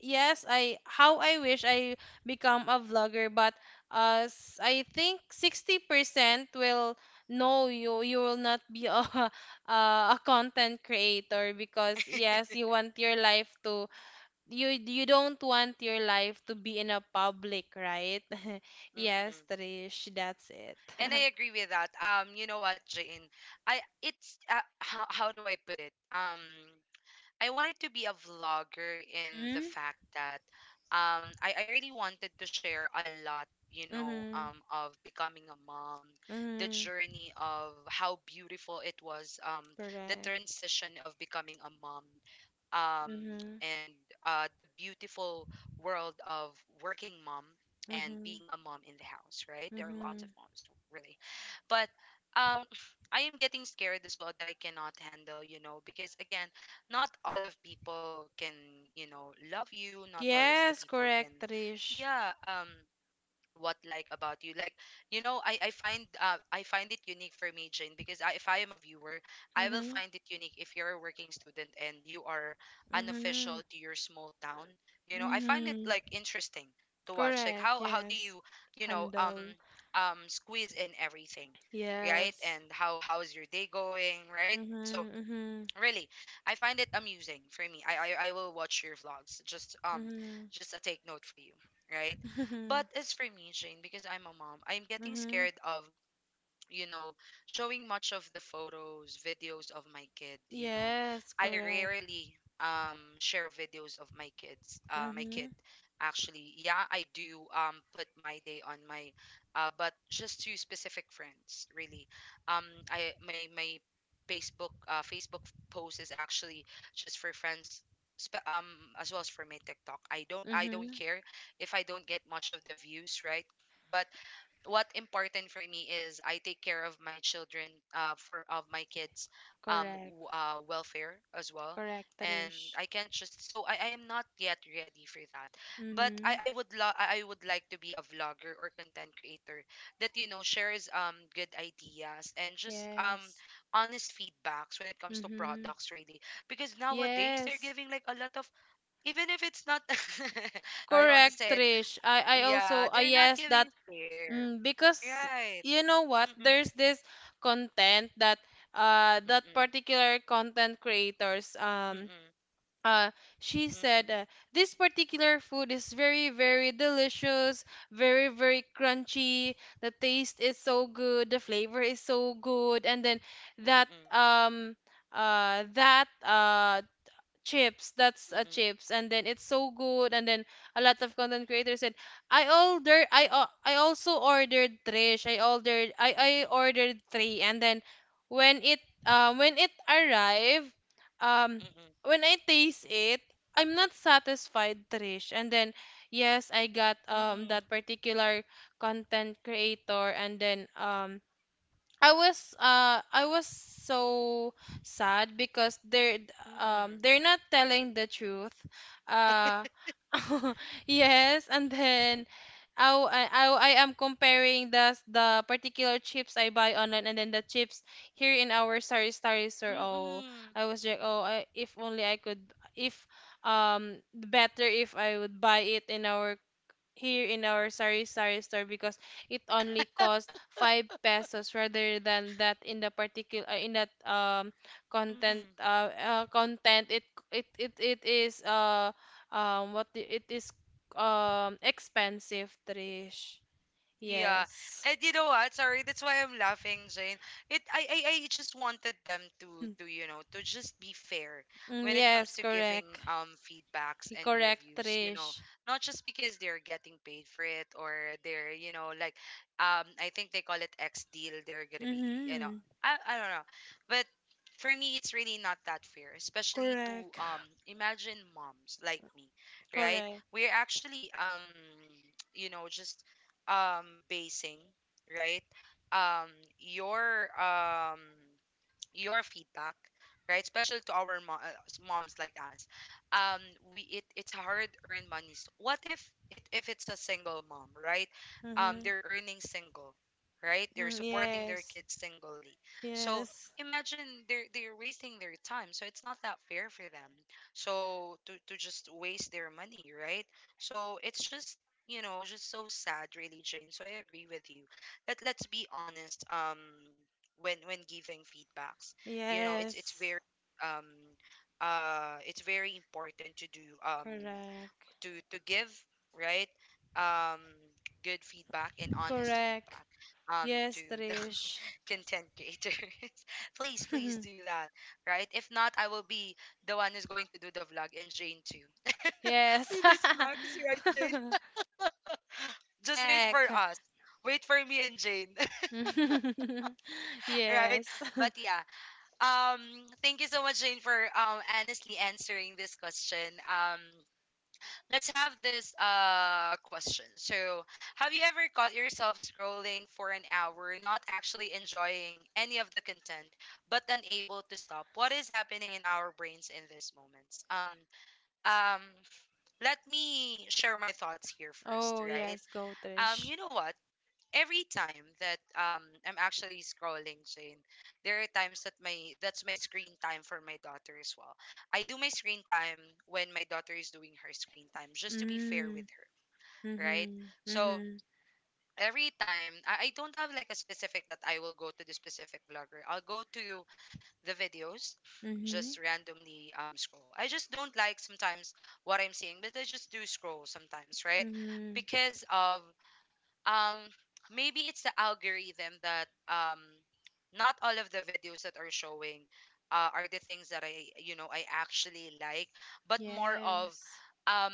Speaker 2: yes, I, how
Speaker 1: mm-mm,
Speaker 2: I wish I become a vlogger, but I think 60% will, no, you, you will not be a, a content creator, because yes, you want your life to, you don't want your life to be in a public, right? Yes,
Speaker 1: mm-mm.
Speaker 2: Trish, that's it.
Speaker 1: And I agree with that. You know what, Jane? I it's how do I put it? I wanted to be a vlogger in the
Speaker 2: Mm-hmm.
Speaker 1: fact that I really wanted to share a lot,
Speaker 2: Mm-hmm.
Speaker 1: of becoming a mom, the
Speaker 2: Mm-hmm.
Speaker 1: journey of how beautiful it was, the
Speaker 2: Correct.
Speaker 1: transition of becoming a mom, um,
Speaker 2: Mm-hmm.
Speaker 1: and the beautiful world of working mom and
Speaker 2: Mm-hmm.
Speaker 1: being a mom in the house, right? There are lots
Speaker 2: Mm-hmm.
Speaker 1: of moms, really. But um, I am getting scared as well that I cannot handle, because again, not all of people can, love you, not all of the
Speaker 2: Yes,
Speaker 1: people can.
Speaker 2: correct, Trish.
Speaker 1: Yeah, what, like, about you, like, I find it unique for me, Jane, because if I am a viewer, I will
Speaker 2: Mm-hmm.
Speaker 1: find it unique if you're a working student and you are
Speaker 2: Mm-hmm.
Speaker 1: unofficial to your small town. I find it,
Speaker 2: Mm-hmm.
Speaker 1: like, interesting to watch, like,
Speaker 2: Correct,
Speaker 1: how do
Speaker 2: yes.
Speaker 1: you, you know
Speaker 2: Handle.
Speaker 1: squeeze in everything, right,
Speaker 2: Yes.
Speaker 1: and how's your day going, right? So
Speaker 2: Mm-hmm. Mm-hmm.
Speaker 1: really, I find it amusing for me. I will watch your vlogs.
Speaker 2: Mm-hmm.
Speaker 1: Just a take note for you, right?
Speaker 2: Mm-hmm.
Speaker 1: But as for me, Jane, because I'm a mom, I'm getting
Speaker 2: Mm-hmm.
Speaker 1: scared of, you know, showing much of the photos, videos of my kid,
Speaker 2: Yes,
Speaker 1: I
Speaker 2: correct.
Speaker 1: rarely share videos of my kids, my kid
Speaker 2: Mm-hmm.
Speaker 1: actually. Yeah, I do put my day on my but just to specific friends, really. Um I my Facebook Facebook post is actually just for friends, spe- um as well as for my TikTok. I don't
Speaker 2: Mm-hmm.
Speaker 1: care if I don't get much of the views, right? But what important for me is I take care of my children, for of my kids,
Speaker 2: Correct.
Speaker 1: welfare as well,
Speaker 2: Correct,
Speaker 1: and
Speaker 2: Trish.
Speaker 1: I can't just so I am not yet ready for that, but
Speaker 2: Mm-hmm.
Speaker 1: I would like to be a vlogger or content creator that shares good ideas and just
Speaker 2: Yes.
Speaker 1: honest feedbacks when it comes to
Speaker 2: Mm-hmm.
Speaker 1: products, really, because nowadays they're
Speaker 2: Yes.
Speaker 1: giving like a lot of even if it's not, I don't want to
Speaker 2: Correct,
Speaker 1: say.
Speaker 2: Trish. I
Speaker 1: Yeah,
Speaker 2: also,
Speaker 1: they're not
Speaker 2: yes, that,
Speaker 1: giving fair.
Speaker 2: mm, because
Speaker 1: Right.
Speaker 2: you know what?
Speaker 1: Mm-mm.
Speaker 2: There's this content that, that
Speaker 1: Mm-mm.
Speaker 2: particular content creators,
Speaker 1: Mm-mm.
Speaker 2: uh, she
Speaker 1: Mm-mm.
Speaker 2: said, this particular food is very, very delicious, very, very crunchy. The taste is so good, the flavor is so good. And then that,
Speaker 1: Mm-mm.
Speaker 2: uh, that, uh, chips, that's a chips, and then it's so good, and then a lot of content creators said. I also ordered, Trish,
Speaker 1: Mm-mm.
Speaker 2: I
Speaker 1: Mm-mm.
Speaker 2: ordered three, and then when it, when it arrived, um
Speaker 1: Mm-mm.
Speaker 2: when I taste it, I'm not satisfied, Trish. And then yes, I got,
Speaker 1: Mm-mm.
Speaker 2: that particular content creator, and then I was so sad, because they're,
Speaker 1: Mm-mm.
Speaker 2: they're not telling the truth. Uh. Yes, and then I, w- I am comparing the particular chips I buy online and then the chips here in our Sari Sari store. Oh,
Speaker 1: Mm-mm.
Speaker 2: I was like, oh, I, if only I could if better if I would buy it in our, here in our sari sari store, because it only cost 5 pesos rather than that in the particular, in that content,
Speaker 1: Mm-mm.
Speaker 2: content. It is, what it is, expensive, Trish.
Speaker 1: Yeah.
Speaker 2: Yes.
Speaker 1: And you know what? Sorry, that's why I'm laughing, Jane. It I just wanted them to you know to just be fair
Speaker 2: Mm,
Speaker 1: when it comes
Speaker 2: yes,
Speaker 1: to giving
Speaker 2: correct.
Speaker 1: feedbacks and
Speaker 2: Correct,
Speaker 1: reviews.
Speaker 2: Trish.
Speaker 1: Not just because they're getting paid for it or they're, like, I think they call it X deal, they're gonna be,
Speaker 2: Mm-hmm.
Speaker 1: I don't know. But for me it's really not that fair, especially to
Speaker 2: Correct.
Speaker 1: um imagine moms like me, right?
Speaker 2: Correct.
Speaker 1: We're actually just basing, right, um your um your feedback, right? Especially to our moms like us. Um, it's hard earned monies. What if it if it's a single mom, right? Um,
Speaker 2: Mm-hmm.
Speaker 1: they're earning single, right? They're
Speaker 2: Mm,
Speaker 1: supporting their
Speaker 2: yes.
Speaker 1: kids singly. So
Speaker 2: Yes.
Speaker 1: imagine they're wasting their time. So it's not that fair for them. So to just waste their money, right? So it's just, just so sad, really, Jane, so I agree with you. Let's be honest when giving feedbacks. You know, it's it's
Speaker 2: Yes.
Speaker 1: very um it's very important to do,
Speaker 2: Correct.
Speaker 1: to give, right, um good feedback and honest
Speaker 2: Correct.
Speaker 1: feedback to
Speaker 2: Yes,
Speaker 1: the
Speaker 2: Trish.
Speaker 1: content creators. Please, please do that, right? If not, I will be the one who's going to do the vlog, and Jane too.
Speaker 2: Yes.
Speaker 1: With the snacks, right, Jane? Just wait for
Speaker 2: Back.
Speaker 1: us. Wait for me and Jane, right?
Speaker 2: Yes.
Speaker 1: But yeah. Um, thank you so much, Jane, for honestly answering this question. Um, let's have this question. So, have you ever caught yourself scrolling for an hour, not actually enjoying any of the content, but unable to stop? What is happening in our brains in these moments? Um, let me share my thoughts here first,
Speaker 2: Oh,
Speaker 1: right?
Speaker 2: yes, go,
Speaker 1: Um,
Speaker 2: Trish.
Speaker 1: you know what? Every time that I'm actually scrolling, Jane, there are times that my that's my screen time for my daughter as well. I do my screen time when my daughter is doing her screen time, just to be fair
Speaker 2: Mm.
Speaker 1: with her, right?
Speaker 2: Mhm.
Speaker 1: So
Speaker 2: Mhm.
Speaker 1: every time, I don't have like a specific that I will go to the specific blogger. I'll go to the videos,
Speaker 2: Mhm.
Speaker 1: just randomly scroll. I just don't like sometimes what I'm seeing, but I just do scroll sometimes, right?
Speaker 2: Mhm.
Speaker 1: Because of, um maybe it's the algorithm that, not all of the videos that are showing, are the things that I you know I actually like, but more of
Speaker 2: Yes.
Speaker 1: um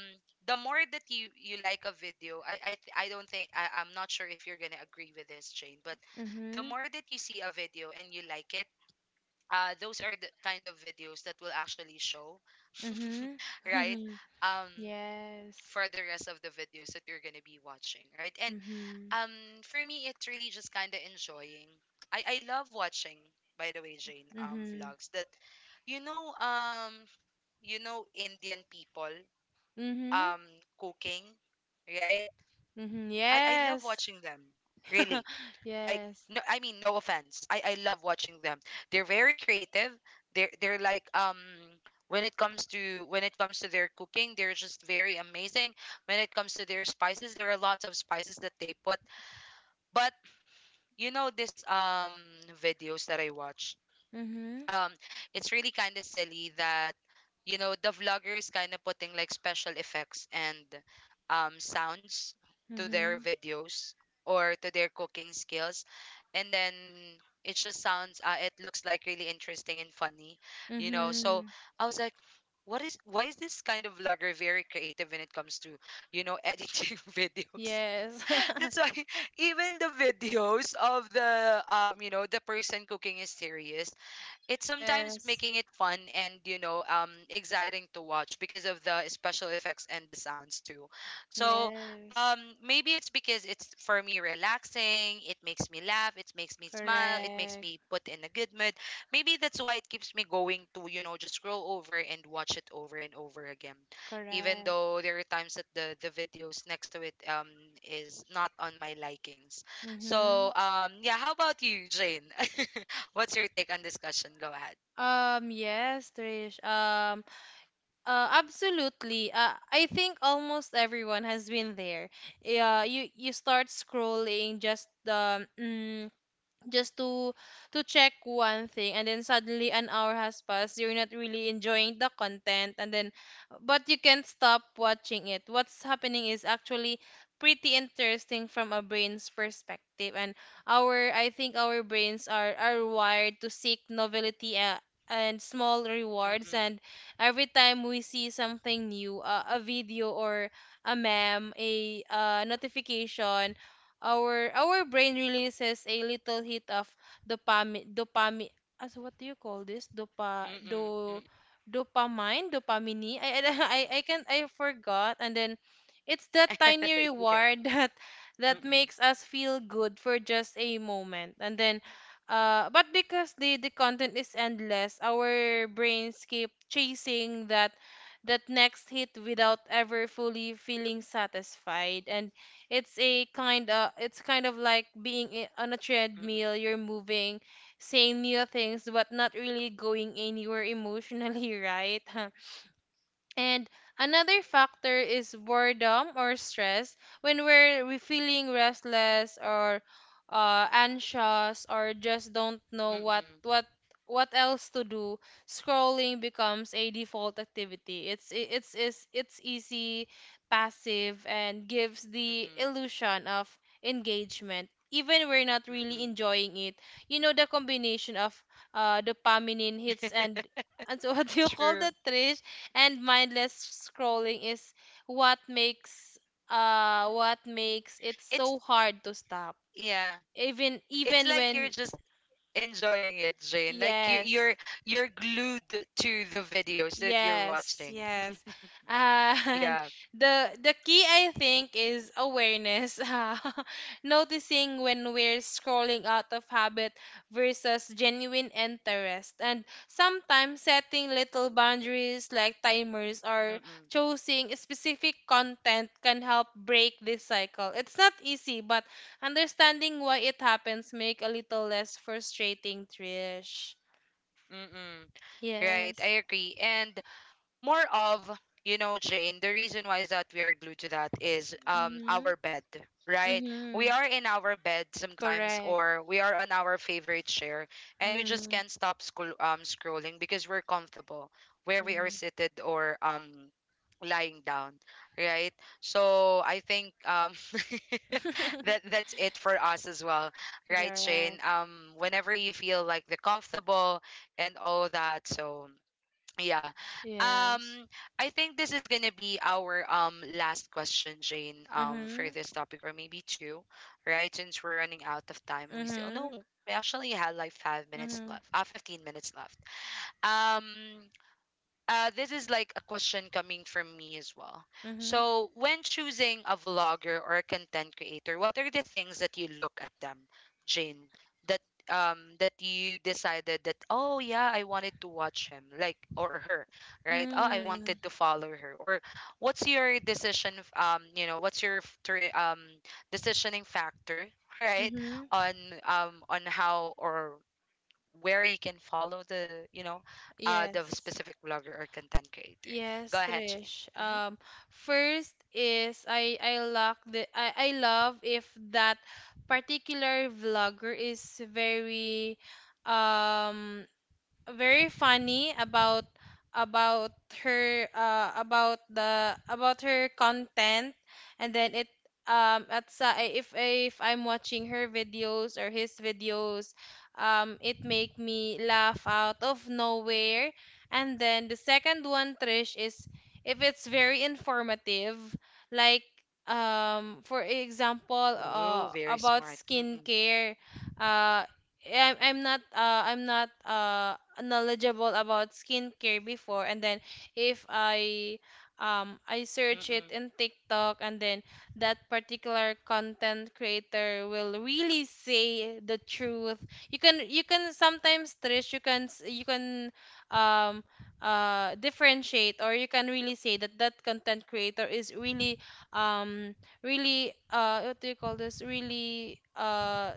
Speaker 1: the more that you like a video, I don't think, I'm not sure if you're gonna agree with this, Jane, but the
Speaker 2: Mhm.
Speaker 1: more that you see a video and you like it, those are the kind of videos that will actually show,
Speaker 2: Mhm.
Speaker 1: right, um
Speaker 2: Yes.
Speaker 1: for the rest of the videos that you're gonna be watching, right, and
Speaker 2: Mhm.
Speaker 1: um, for me, it's really just kind of enjoying. I love watching, by the way, Jane,
Speaker 2: Mhm.
Speaker 1: vlogs that, you know, um, Indian people,
Speaker 2: Mhm.
Speaker 1: um, cooking, right?
Speaker 2: Mhm.
Speaker 1: I love
Speaker 2: Yes.
Speaker 1: watching them, really. Like,
Speaker 2: Yes.
Speaker 1: no, I mean, no offense. I love watching them. They're very creative. They're like. When it comes to their cooking, they're just very amazing. When it comes to their spices, there are lots of spices that they put. But this videos that I watch.
Speaker 2: Mhm.
Speaker 1: Um, it's really kind of silly that the vlogger is kind of putting like special effects and sounds to their
Speaker 2: Mhm.
Speaker 1: videos, or to their cooking skills, and then it just sounds it looks like really interesting and funny. So
Speaker 2: Mhm.
Speaker 1: I was like. What is why is this kind of vlogger very creative when it comes to, editing videos,
Speaker 2: Yes.
Speaker 1: that's why even the videos of the, the person cooking is serious, it's sometimes
Speaker 2: Yes.
Speaker 1: making it fun and, exciting to watch, because of the special effects and the sounds too. So um
Speaker 2: Yes.
Speaker 1: maybe it's because it's for me relaxing, it makes me laugh, it makes me smile, it makes
Speaker 2: Correct.
Speaker 1: me put in a good mood, maybe that's why it keeps me going to, just scroll over and watch it over and over again, even
Speaker 2: Correct.
Speaker 1: though there are times that the videos next to it is not on my likings.
Speaker 2: Mm-hmm.
Speaker 1: So yeah, how about you, Jane? What's your take on discussion? Go ahead.
Speaker 2: Yes, Trish. Absolutely. I think almost everyone has been there. Yeah, you start scrolling just just to to check one thing, and then suddenly an hour has passed, you're not really enjoying the content, and then but you can't stop watching it. What's happening is actually pretty interesting from a brain's perspective. And our I think our brains are wired to seek novelty, and small rewards.
Speaker 1: Mm-mm.
Speaker 2: And every time we see something new, a video or a meme, a notification, our brain releases a little hit of dopamine, dopamine, as what do you call this, dopa, do,
Speaker 1: Mm-mm.
Speaker 2: dopamine, dopamine. I I can't, I forgot. And then it's that
Speaker 1: Mm-mm.
Speaker 2: tiny
Speaker 1: It's okay.
Speaker 2: reward that
Speaker 1: Mm-mm.
Speaker 2: makes us feel good for just a moment. And then but because the content is endless, our brains keep chasing that, that next hit without ever fully feeling satisfied. And it's a kind of, it's kind of like being on a
Speaker 1: Mm-mm.
Speaker 2: treadmill, you're moving, saying new things but not really going anywhere emotionally, right? And another factor is boredom or stress. When we're, we feeling restless or, anxious, or just don't know what
Speaker 1: Mm-mm.
Speaker 2: what else to do, scrolling becomes a default activity. It's easy, passive, and gives the
Speaker 1: Mm-mm.
Speaker 2: illusion of engagement. Even we're not really
Speaker 1: Mm-mm.
Speaker 2: enjoying it. You know, the combination of, dopamine hits and what do you call
Speaker 1: True.
Speaker 2: that, Trish? And mindless scrolling is what makes, what makes it
Speaker 1: It's
Speaker 2: so hard to stop,
Speaker 1: yeah.
Speaker 2: even
Speaker 1: It's
Speaker 2: even
Speaker 1: like you're
Speaker 2: when,
Speaker 1: just enjoying it, Jane. Like you
Speaker 2: yes.
Speaker 1: you're you're glued to the videos that you're
Speaker 2: Yes,
Speaker 1: watching.
Speaker 2: yes. And
Speaker 1: Yeah.
Speaker 2: the key, I think, is awareness. Uh, noticing when we're scrolling out of habit versus genuine interest. And sometimes setting little boundaries like timers or
Speaker 1: Mm-mm.
Speaker 2: choosing specific content can help break this cycle. It's not easy, but understanding why it happens make a little less frustrating, Trish.
Speaker 1: Mm-mm. Right, I
Speaker 2: Yes.
Speaker 1: agree. And more of Jane, the reason why is that we are glued to that is
Speaker 2: Mm-hmm.
Speaker 1: our bed, right? We
Speaker 2: Mm-hmm.
Speaker 1: are in our bed sometimes,
Speaker 2: Correct.
Speaker 1: or we are on our favorite chair, and we just
Speaker 2: Mm-hmm.
Speaker 1: can't stop scrolling because we're comfortable where we are seated, or lying down, right? So I think
Speaker 2: Mm-hmm.
Speaker 1: that's it for us as well, right, Shane?
Speaker 2: Correct.
Speaker 1: Whenever you feel like the comfortable and all that, so yeah. Um
Speaker 2: Yes.
Speaker 1: I think this is gonna be our last question, Jane,
Speaker 2: Mm-hmm.
Speaker 1: for this topic, or maybe two, right? Since we're running out of time, we say, oh
Speaker 2: Mm-hmm.
Speaker 1: no, we actually had like 5 minutes
Speaker 2: Mm-hmm.
Speaker 1: left, 15 minutes left. Um this is like a question coming from me as well.
Speaker 2: Mm-hmm.
Speaker 1: So, when choosing a vlogger or a content creator, what are the things that you look at them, Jane? That that you decided that, oh yeah, I wanted to watch him, like, or her, right? Oh, I
Speaker 2: Mm-hmm.
Speaker 1: wanted to follow her. Or what's your decision? You know, what's your decisioning factor, right?
Speaker 2: Mm-hmm.
Speaker 1: On on how or where you can follow the the
Speaker 2: Yes.
Speaker 1: specific blogger or content creator. Go
Speaker 2: Yes,
Speaker 1: ahead, Shane.
Speaker 2: Trish.
Speaker 1: Mm-hmm.
Speaker 2: First is I love the, I love if that particular vlogger is very, um very funny about about her, about the about her content. And then it, at sa if I'm watching her videos or his videos, it make me laugh out of nowhere. And then the second one, Trish, is if it's very informative, like, for example,
Speaker 1: Ooh, very
Speaker 2: about
Speaker 1: smart. Mm-mm.
Speaker 2: skincare. uh I'm, I'm not, knowledgeable about skincare before, and then if I, I search it
Speaker 1: Mm-mm.
Speaker 2: in TikTok, and then that particular content creator will really say the truth. You can sometimes, Trish, you can um differentiate, or you can really say that that content creator is really um really what do you call this, really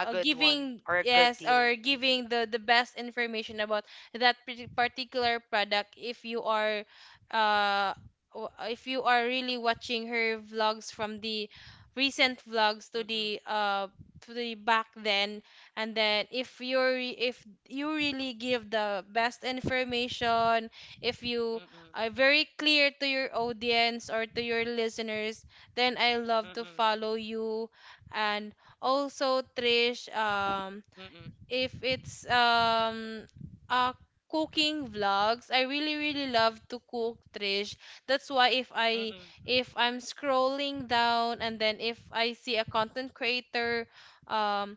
Speaker 1: A good one
Speaker 2: giving,
Speaker 1: or a good
Speaker 2: yes,
Speaker 1: deal.
Speaker 2: or
Speaker 1: Mm-mm.
Speaker 2: giving the best information about that particular product if you are uh if you are really watching her vlogs from the recent vlogs to
Speaker 1: Mm-mm.
Speaker 2: the to the back then. And then if you really give the best information, if you
Speaker 1: Mm-mm.
Speaker 2: are very clear to your audience or to your listeners, then I love to
Speaker 1: Mm-mm.
Speaker 2: follow you. And also, Trish,
Speaker 1: Mm-mm.
Speaker 2: if it's uh cooking vlogs, I really really love to cook, Trish. That's why if I
Speaker 1: Mm-mm.
Speaker 2: if I'm scrolling down and then if I see a content creator um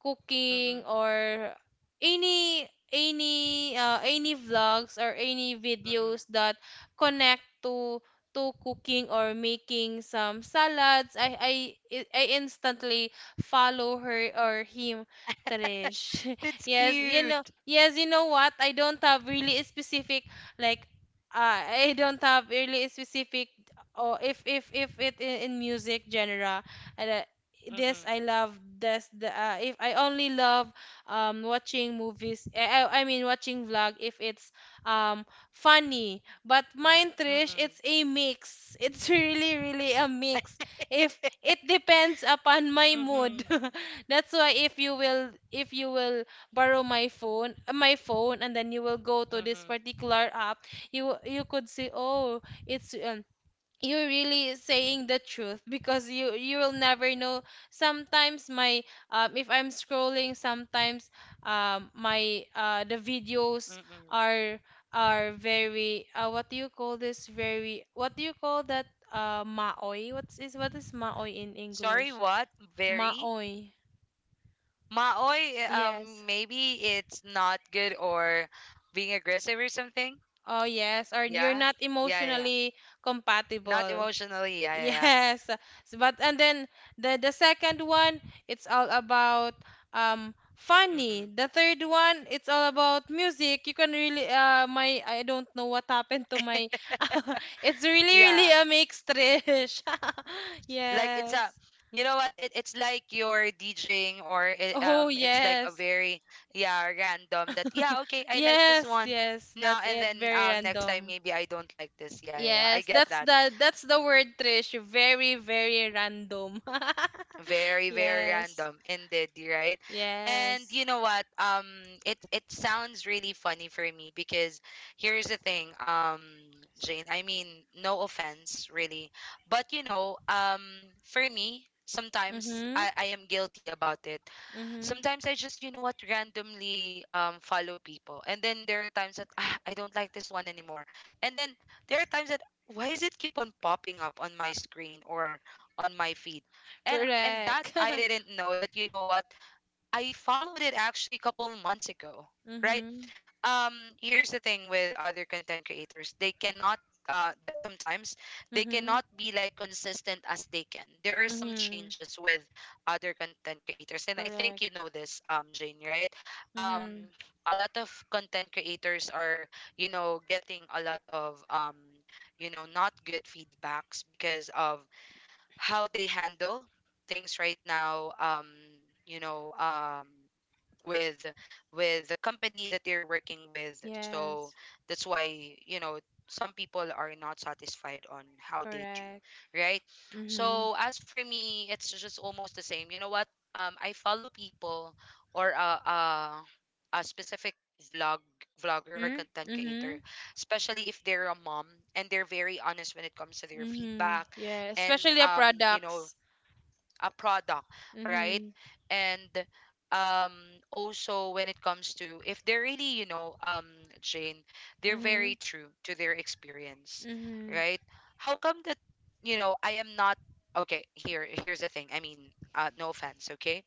Speaker 2: cooking
Speaker 1: Mm-mm.
Speaker 2: or any vlogs or any
Speaker 1: Mm-mm.
Speaker 2: videos that connect to cooking or making some salads, I instantly follow her or him, Trish.
Speaker 1: That's
Speaker 2: Yes,
Speaker 1: cute.
Speaker 2: yes, you know what? I don't have really specific, like, I don't have really specific. Or if if it in music genre, and, uh, this
Speaker 1: Mm-mm.
Speaker 2: I love this the if I only love watching movies, I mean watching vlog if it's um funny. But mine, Trish,
Speaker 1: Mm-mm.
Speaker 2: it's a mix. It's really really a mix. If It depends upon my mood.
Speaker 1: Mm-mm.
Speaker 2: That's why if you will borrow my phone, and then you will go to this
Speaker 1: Mm-mm.
Speaker 2: particular app, you could see, oh, it's you're really saying the truth, because you will never know. Sometimes my if I'm scrolling, sometimes my the videos
Speaker 1: Mm-mm.
Speaker 2: are are very what do you call this, very what do you call that, maoy? What's is what is maoy in
Speaker 1: Sorry,
Speaker 2: English?
Speaker 1: what? Very
Speaker 2: Maoy.
Speaker 1: maoy,
Speaker 2: Yes.
Speaker 1: maybe it's not good, or being aggressive or something.
Speaker 2: Oh yes, or you're
Speaker 1: Yeah,
Speaker 2: not
Speaker 1: yeah, yeah, yeah.
Speaker 2: emotionally
Speaker 1: Not
Speaker 2: compatible.
Speaker 1: emotionally. Yeah, yeah, yeah.
Speaker 2: Yes. But and then the second one, it's all about funny.
Speaker 1: Mm-mm.
Speaker 2: The third one, it's all about music. You can really my, I don't know what happened to my it's really really
Speaker 1: Yeah.
Speaker 2: a mix, Trish.
Speaker 1: Like it's a,
Speaker 2: Yes.
Speaker 1: you know what, it's like you're DJing, or it,
Speaker 2: Oh
Speaker 1: um it's like a
Speaker 2: yes.
Speaker 1: very, yeah, random, that, yeah, okay, I like this
Speaker 2: Yes,
Speaker 1: one
Speaker 2: yes.
Speaker 1: now,
Speaker 2: That's
Speaker 1: and
Speaker 2: it.
Speaker 1: then
Speaker 2: Very
Speaker 1: next time
Speaker 2: random.
Speaker 1: maybe I don't like this. Yeah, yeah, yeah. I
Speaker 2: Yes,
Speaker 1: get
Speaker 2: that's
Speaker 1: that.
Speaker 2: the word, Trish. Very, very random.
Speaker 1: Very, very
Speaker 2: Yes.
Speaker 1: random indeed, right? And
Speaker 2: Yes.
Speaker 1: you know what? It it sounds really funny for me because here's the thing, Jane, I mean, no offense really, but you know, for me, sometimes
Speaker 2: Mhm.
Speaker 1: I am guilty about it.
Speaker 2: Mhm.
Speaker 1: Sometimes I just, you know what, randomly follow people. And then there are times that, ah, I don't like this one anymore. And then there are times that, why is it keep on popping up on my screen or on my feed? And that
Speaker 2: Correct.
Speaker 1: I didn't know that, you know what, I followed it actually a couple of months ago, right?
Speaker 2: Mhm.
Speaker 1: um Here's the thing, with other content creators, they cannot, that sometimes they
Speaker 2: Mhm.
Speaker 1: cannot be like consistent as they can. There are some
Speaker 2: Mhm.
Speaker 1: changes with other content creators, and I think
Speaker 2: Correct.
Speaker 1: you know this, Jane, right? um
Speaker 2: Mhm.
Speaker 1: a lot of content creators are, you know, getting a lot of, you know, not good feedbacks because of how they handle things right now, you know, with with the company that they're working with. So
Speaker 2: Yes.
Speaker 1: that's why, you know, some people are not satisfied on how they do,
Speaker 2: Correct.
Speaker 1: right?
Speaker 2: Mhm.
Speaker 1: So as for me, it's just almost the same, you know what? I follow people, or a specific vlog vlogger or
Speaker 2: Mhm.
Speaker 1: content creator,
Speaker 2: Mhm.
Speaker 1: especially if they're a mom and they're very honest when it comes to their
Speaker 2: Mhm.
Speaker 1: feedback
Speaker 2: Yeah,
Speaker 1: and,
Speaker 2: especially the
Speaker 1: you know,
Speaker 2: products.
Speaker 1: a product, right?
Speaker 2: Mhm.
Speaker 1: And, um also when it comes to, if they're really, you know, Jane, they're
Speaker 2: Mhm.
Speaker 1: very true to their experience,
Speaker 2: Mhm.
Speaker 1: right? How come that, you know, I am not, okay, here, here's the thing. I mean, no offense, okay?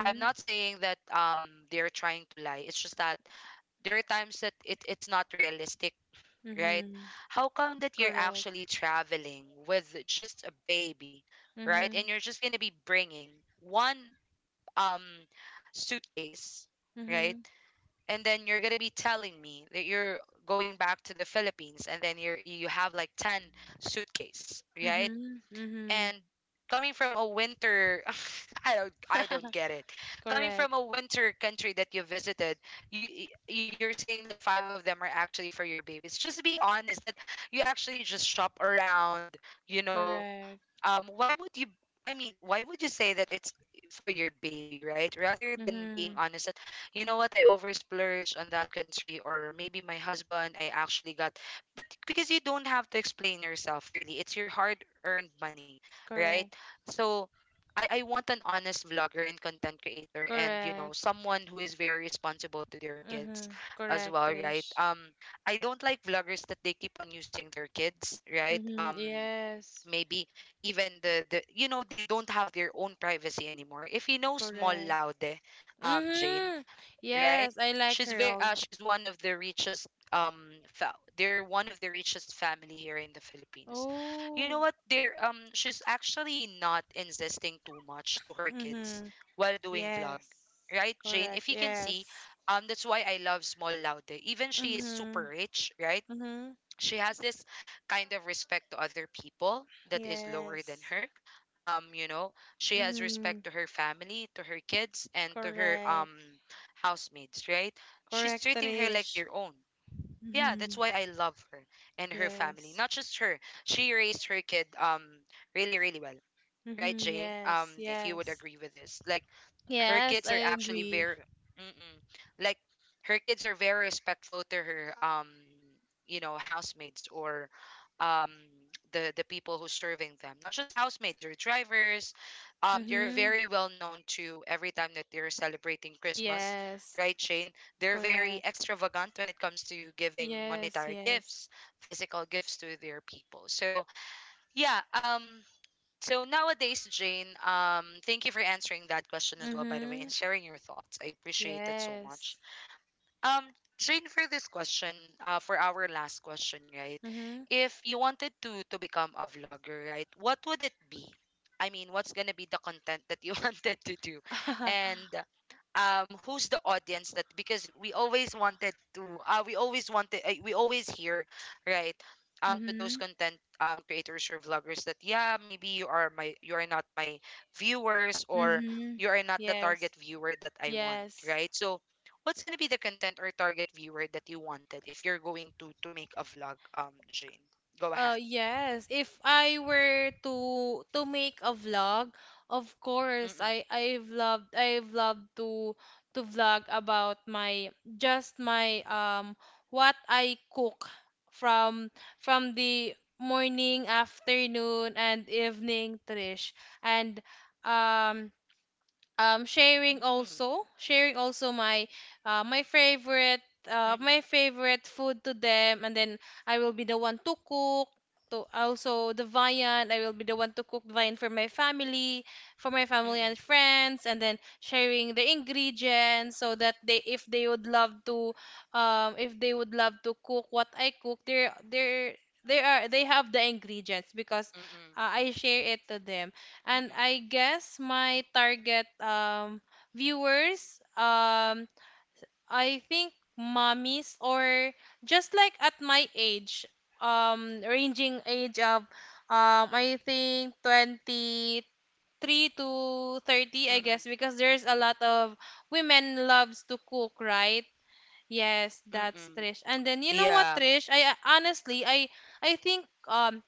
Speaker 1: I am not saying that they're trying to lie. It's just that there are times that it's not realistic, right?
Speaker 2: Mhm.
Speaker 1: How come that you're
Speaker 2: Correct.
Speaker 1: actually traveling with just a baby, right? And
Speaker 2: Mhm.
Speaker 1: you're just going to be bringing one um suitcase, right?
Speaker 2: Mhm.
Speaker 1: And then you're going to be telling me that you're going back to the Philippines and then you have like 10 suitcase, right?
Speaker 2: Mhm. Mhm.
Speaker 1: And coming from a winter, I don't get it. Coming
Speaker 2: Correct,
Speaker 1: from a winter country that you visited, you're saying that five of them are actually for your babies. Just be honest that you actually just shop around, you know.
Speaker 2: correct.
Speaker 1: Why would you, I mean, why would you say that it's for your baby, right, rather than being
Speaker 2: Mm-hmm.
Speaker 1: honest that, you know what, I over splurged on that country, or maybe my husband, I actually got, but because you don't have to explain yourself, really. It's your hard earned money, right?
Speaker 2: Correct,
Speaker 1: So I want an honest vlogger and content creator, and, you know,
Speaker 2: correct.
Speaker 1: someone who is very responsible to their kids
Speaker 2: Mm-hmm.
Speaker 1: as
Speaker 2: Correct,
Speaker 1: well, right?
Speaker 2: Trish.
Speaker 1: I don't like vloggers that they keep on using their kids, right?
Speaker 2: Mm-hmm. Yes,
Speaker 1: Maybe even the you know, they don't have their own privacy anymore, if you know Small
Speaker 2: correct.
Speaker 1: Laude, Jane,
Speaker 2: Mm-hmm.
Speaker 1: right?
Speaker 2: Yes, I like
Speaker 1: She's
Speaker 2: her
Speaker 1: very,
Speaker 2: all.
Speaker 1: she's one of the richest, they're one of the richest family here in the Philippines. You know
Speaker 2: Oh.
Speaker 1: what? They're, she's actually not insisting too much to her kids
Speaker 2: Mm-hmm.
Speaker 1: while doing vlog.
Speaker 2: Yes,
Speaker 1: Right, Jane? If
Speaker 2: correct.
Speaker 1: you can see,
Speaker 2: Yes.
Speaker 1: that's why I love Small Laude. Even she is
Speaker 2: Mm-hmm.
Speaker 1: super rich, right?
Speaker 2: Mm-hmm.
Speaker 1: She has this kind of respect to other people that is lower than
Speaker 2: Yes.
Speaker 1: her, you know. She has
Speaker 2: Mm-hmm.
Speaker 1: respect to her family, to her kids, and to her,
Speaker 2: Correct.
Speaker 1: housemates, right? She's
Speaker 2: Correct,
Speaker 1: treating her like
Speaker 2: Trish.
Speaker 1: their own. Yeah,
Speaker 2: Mm-hmm.
Speaker 1: that's why I love her, and her family,
Speaker 2: Yes.
Speaker 1: not just her. She raised her kid really, really well, right,
Speaker 2: Mm-hmm.
Speaker 1: Jane?
Speaker 2: Yes,
Speaker 1: If you would
Speaker 2: yes.
Speaker 1: agree with this, like, her
Speaker 2: Yes, I
Speaker 1: kids are actually
Speaker 2: agree.
Speaker 1: very, mm-mm, like, her kids are very respectful to her, you know, housemates, or um the people who's serving them, not just housemates or drivers. They're
Speaker 2: Mm-hmm.
Speaker 1: very well known to every time that they're celebrating Christmas,
Speaker 2: Yes,
Speaker 1: right, Shane? They're very
Speaker 2: correct.
Speaker 1: extravagant when it comes to giving
Speaker 2: Yes,
Speaker 1: monetary
Speaker 2: yes.
Speaker 1: gifts, physical gifts to their people. So yeah, so nowadays, Jane, thank you for answering that question as well, by the way,
Speaker 2: Mm-hmm.
Speaker 1: and sharing your thoughts. I appreciate it so much.
Speaker 2: Yes.
Speaker 1: Um, Jane, for this question, for our last question, right?
Speaker 2: Mm-hmm.
Speaker 1: If you wanted to become a vlogger, right, what would it be? I mean, what's gonna be the content that you wanted to do, and, who's the audience that? Because we always wanted to, we always wanted, we always hear, right, to those
Speaker 2: Mm-hmm.
Speaker 1: content creators or vloggers that, yeah, maybe you are my, you are not my viewers, or
Speaker 2: Mm-hmm.
Speaker 1: you are not the
Speaker 2: Yes.
Speaker 1: target viewer that I want,
Speaker 2: Yes.
Speaker 1: right? So what's gonna be the content or target viewer that you wanted if you're going to make a vlog, Jane? Go ahead.
Speaker 2: Yes, if I were to make a vlog, of course
Speaker 1: Mm-mm.
Speaker 2: I've loved to vlog about my, just my, what I cook from from the morning, afternoon and evening, Trish. And um sharing
Speaker 1: Mm-mm.
Speaker 2: also, my uh, my favorite my favorite food to them. And then I will be the one to cook, to also the viand. I will be the one to cook viand for my family, and
Speaker 1: Mm-mm.
Speaker 2: friends, and then sharing the ingredients, so that they if they would love to if they would love to cook what I cook, they have the ingredients, because
Speaker 1: Mm-mm.
Speaker 2: I share it to them.
Speaker 1: Mm-mm.
Speaker 2: And
Speaker 1: Mm-mm.
Speaker 2: I guess my target viewers, I think mommies, or just like at my age, ranging age of I think 23 to 30, I guess,
Speaker 1: Mm-mm.
Speaker 2: because there's a lot of women loves to cook, right? Yes, that's
Speaker 1: Mm-mm.
Speaker 2: Trish. And then you know
Speaker 1: Yeah.
Speaker 2: what, Trish? I honestly I think um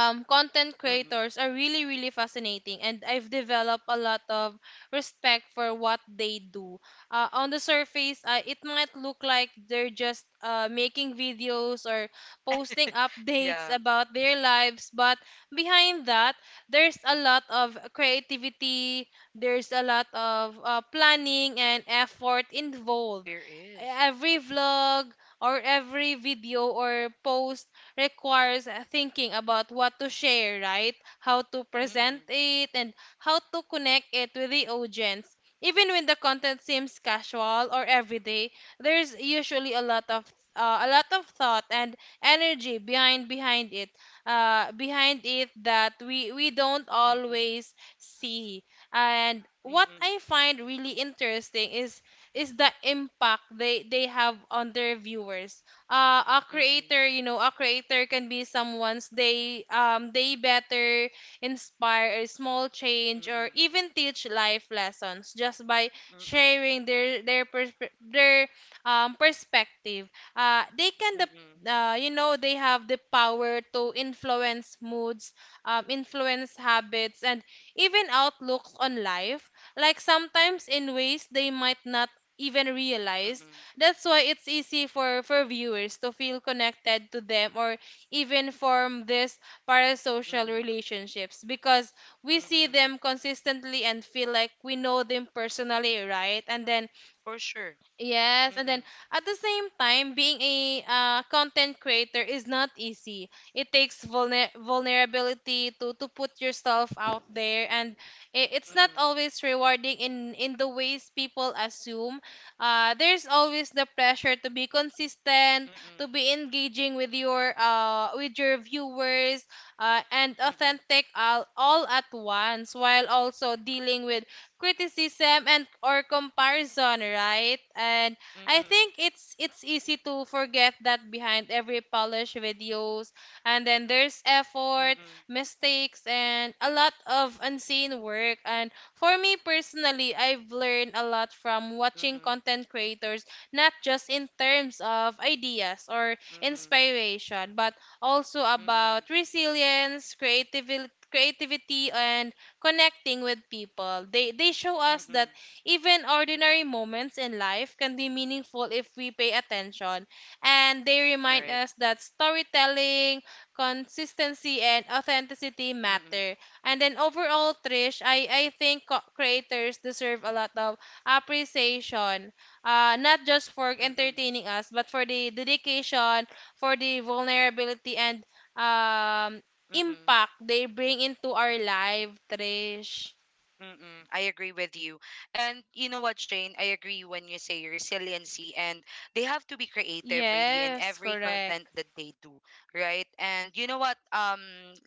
Speaker 2: um content
Speaker 1: Mm-mm.
Speaker 2: creators are really really fascinating, and I've developed a lot of respect for what they do. On the surface, it might look like they're just making videos or posting updates
Speaker 1: Yeah.
Speaker 2: about their lives. But behind that, there's a lot of creativity, there's a lot of planning and effort involved.
Speaker 1: There is.
Speaker 2: Every vlog or every video or post requires thinking about what to share, right? How to present
Speaker 1: Mm-mm.
Speaker 2: it, and how to connect it with the audience. Even when the content seems casual or everyday, there's usually a lot of a lot of thought and energy behind it that we don't
Speaker 1: Mm-mm.
Speaker 2: always see. And what
Speaker 1: Mm-mm.
Speaker 2: I find really interesting is the impact they have on their viewers. A
Speaker 1: Mm-mm.
Speaker 2: creator, you know, a creator can be someone's, they better inspire a small change or
Speaker 1: Mm-mm.
Speaker 2: even teach life lessons just by
Speaker 1: Mm-mm.
Speaker 2: sharing their perspective. They can the
Speaker 1: Mm-mm.
Speaker 2: You know, they have the power to influence moods, influence habits, and even outlooks on life, like sometimes in ways they might not even realize.
Speaker 1: Mm-mm.
Speaker 2: That's why it's easy for viewers to feel connected to them, or even form these parasocial
Speaker 1: Mm-mm.
Speaker 2: relationships, because we see
Speaker 1: Mm-mm.
Speaker 2: them consistently and feel like we know them personally, right? And then
Speaker 1: For sure.
Speaker 2: yes, and then
Speaker 1: Mm-mm.
Speaker 2: at the same time, being a content creator is not easy. It takes vulnerability to put yourself out there, and it's not
Speaker 1: Mm-mm.
Speaker 2: always rewarding in the ways people assume. There's always the pressure to be consistent, to
Speaker 1: Mm-mm.
Speaker 2: be engaging with your viewers, and
Speaker 1: Mm-mm.
Speaker 2: authentic all at once, while also dealing with criticism and or comparison, right? And I
Speaker 1: Mm-mm.
Speaker 2: think it's easy to forget that behind every polished videos, and then there's effort,
Speaker 1: Mm-mm.
Speaker 2: mistakes, and a lot of unseen work. And for me personally, I've learned a lot from watching
Speaker 1: Mm-mm.
Speaker 2: content creators, not just in terms of ideas or
Speaker 1: Mm-mm. Mm-mm.
Speaker 2: inspiration, but also
Speaker 1: Mm-mm.
Speaker 2: about resilience, creativity, and connecting with people. They They show us that even ordinary moments in life can be meaningful if we pay attention. And they remind
Speaker 1: Right.
Speaker 2: us that storytelling, consistency, and authenticity
Speaker 1: 嗯嗯
Speaker 2: matter. And then overall, Trish, I think creators deserve a lot of appreciation. Not just for
Speaker 1: 嗯嗯
Speaker 2: entertaining us, but for the dedication, for the vulnerability, and um
Speaker 1: 嗯嗯。
Speaker 2: impact they bring into our life, Trish.
Speaker 1: Mm-mm, I agree with you. And you know what, Shane? I agree when you say resiliency, and they have to be creative, really, in
Speaker 2: Yes,
Speaker 1: every content
Speaker 2: correct.
Speaker 1: that they do, right? And you know what?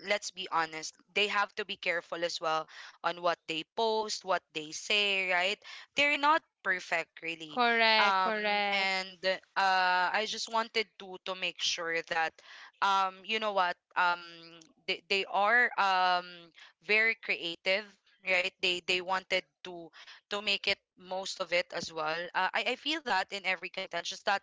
Speaker 1: Let's be honest. They have to be careful as well on what they post, what they say, right? They're not perfect, really.
Speaker 2: Correct,
Speaker 1: Um,
Speaker 2: correct.
Speaker 1: and I just wanted to make sure that, you know what? They are very creative, right? They wanted to make it most of it as well, I feel that in every content, just that,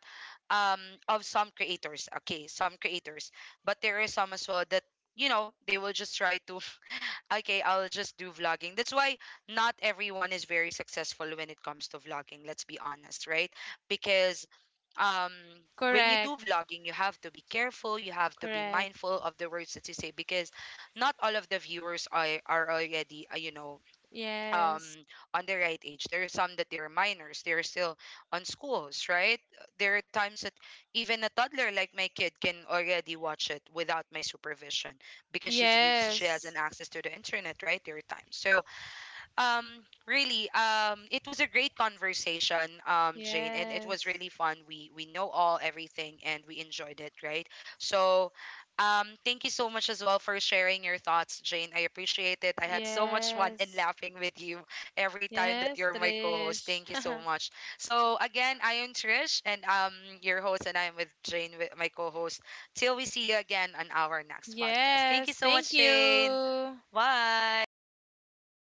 Speaker 1: um of some creators, okay, some creators, but there are some as well that, you know, they will just try to okay, I'll just do vlogging. That's why not everyone is very successful when it comes to vlogging. Let's be honest, right? Because, um when you do
Speaker 2: Correct,
Speaker 1: vlogging, you have to be careful, you have to be
Speaker 2: correct.
Speaker 1: mindful of the words that you say, because not all of the viewers are, already, you know, um
Speaker 2: Yes.
Speaker 1: on the right age. There are some that they're minors, they're still on schools, right? There are times that even a toddler like my kid can already watch it without my supervision, because she's used, she has
Speaker 2: Yes.
Speaker 1: an access to the internet, right? There are times, so, um really, it was a great conversation, Jane, and it was
Speaker 2: Yes.
Speaker 1: really fun. We know all everything, and we enjoyed it, right? So thank you so much as well for sharing your thoughts, Jane. I appreciate it. I had so much fun and
Speaker 2: Yes,
Speaker 1: laughing with you every time that
Speaker 2: Yes,
Speaker 1: you're my co-host.
Speaker 2: Trish.
Speaker 1: Thank you so much. So again, I am Trish, and your host, and I'm with Jane, with my co-host. Till we see you again on our next podcast. Thank you
Speaker 2: Yes,
Speaker 1: so
Speaker 2: thank
Speaker 1: much, Jane.
Speaker 2: you.
Speaker 1: Bye.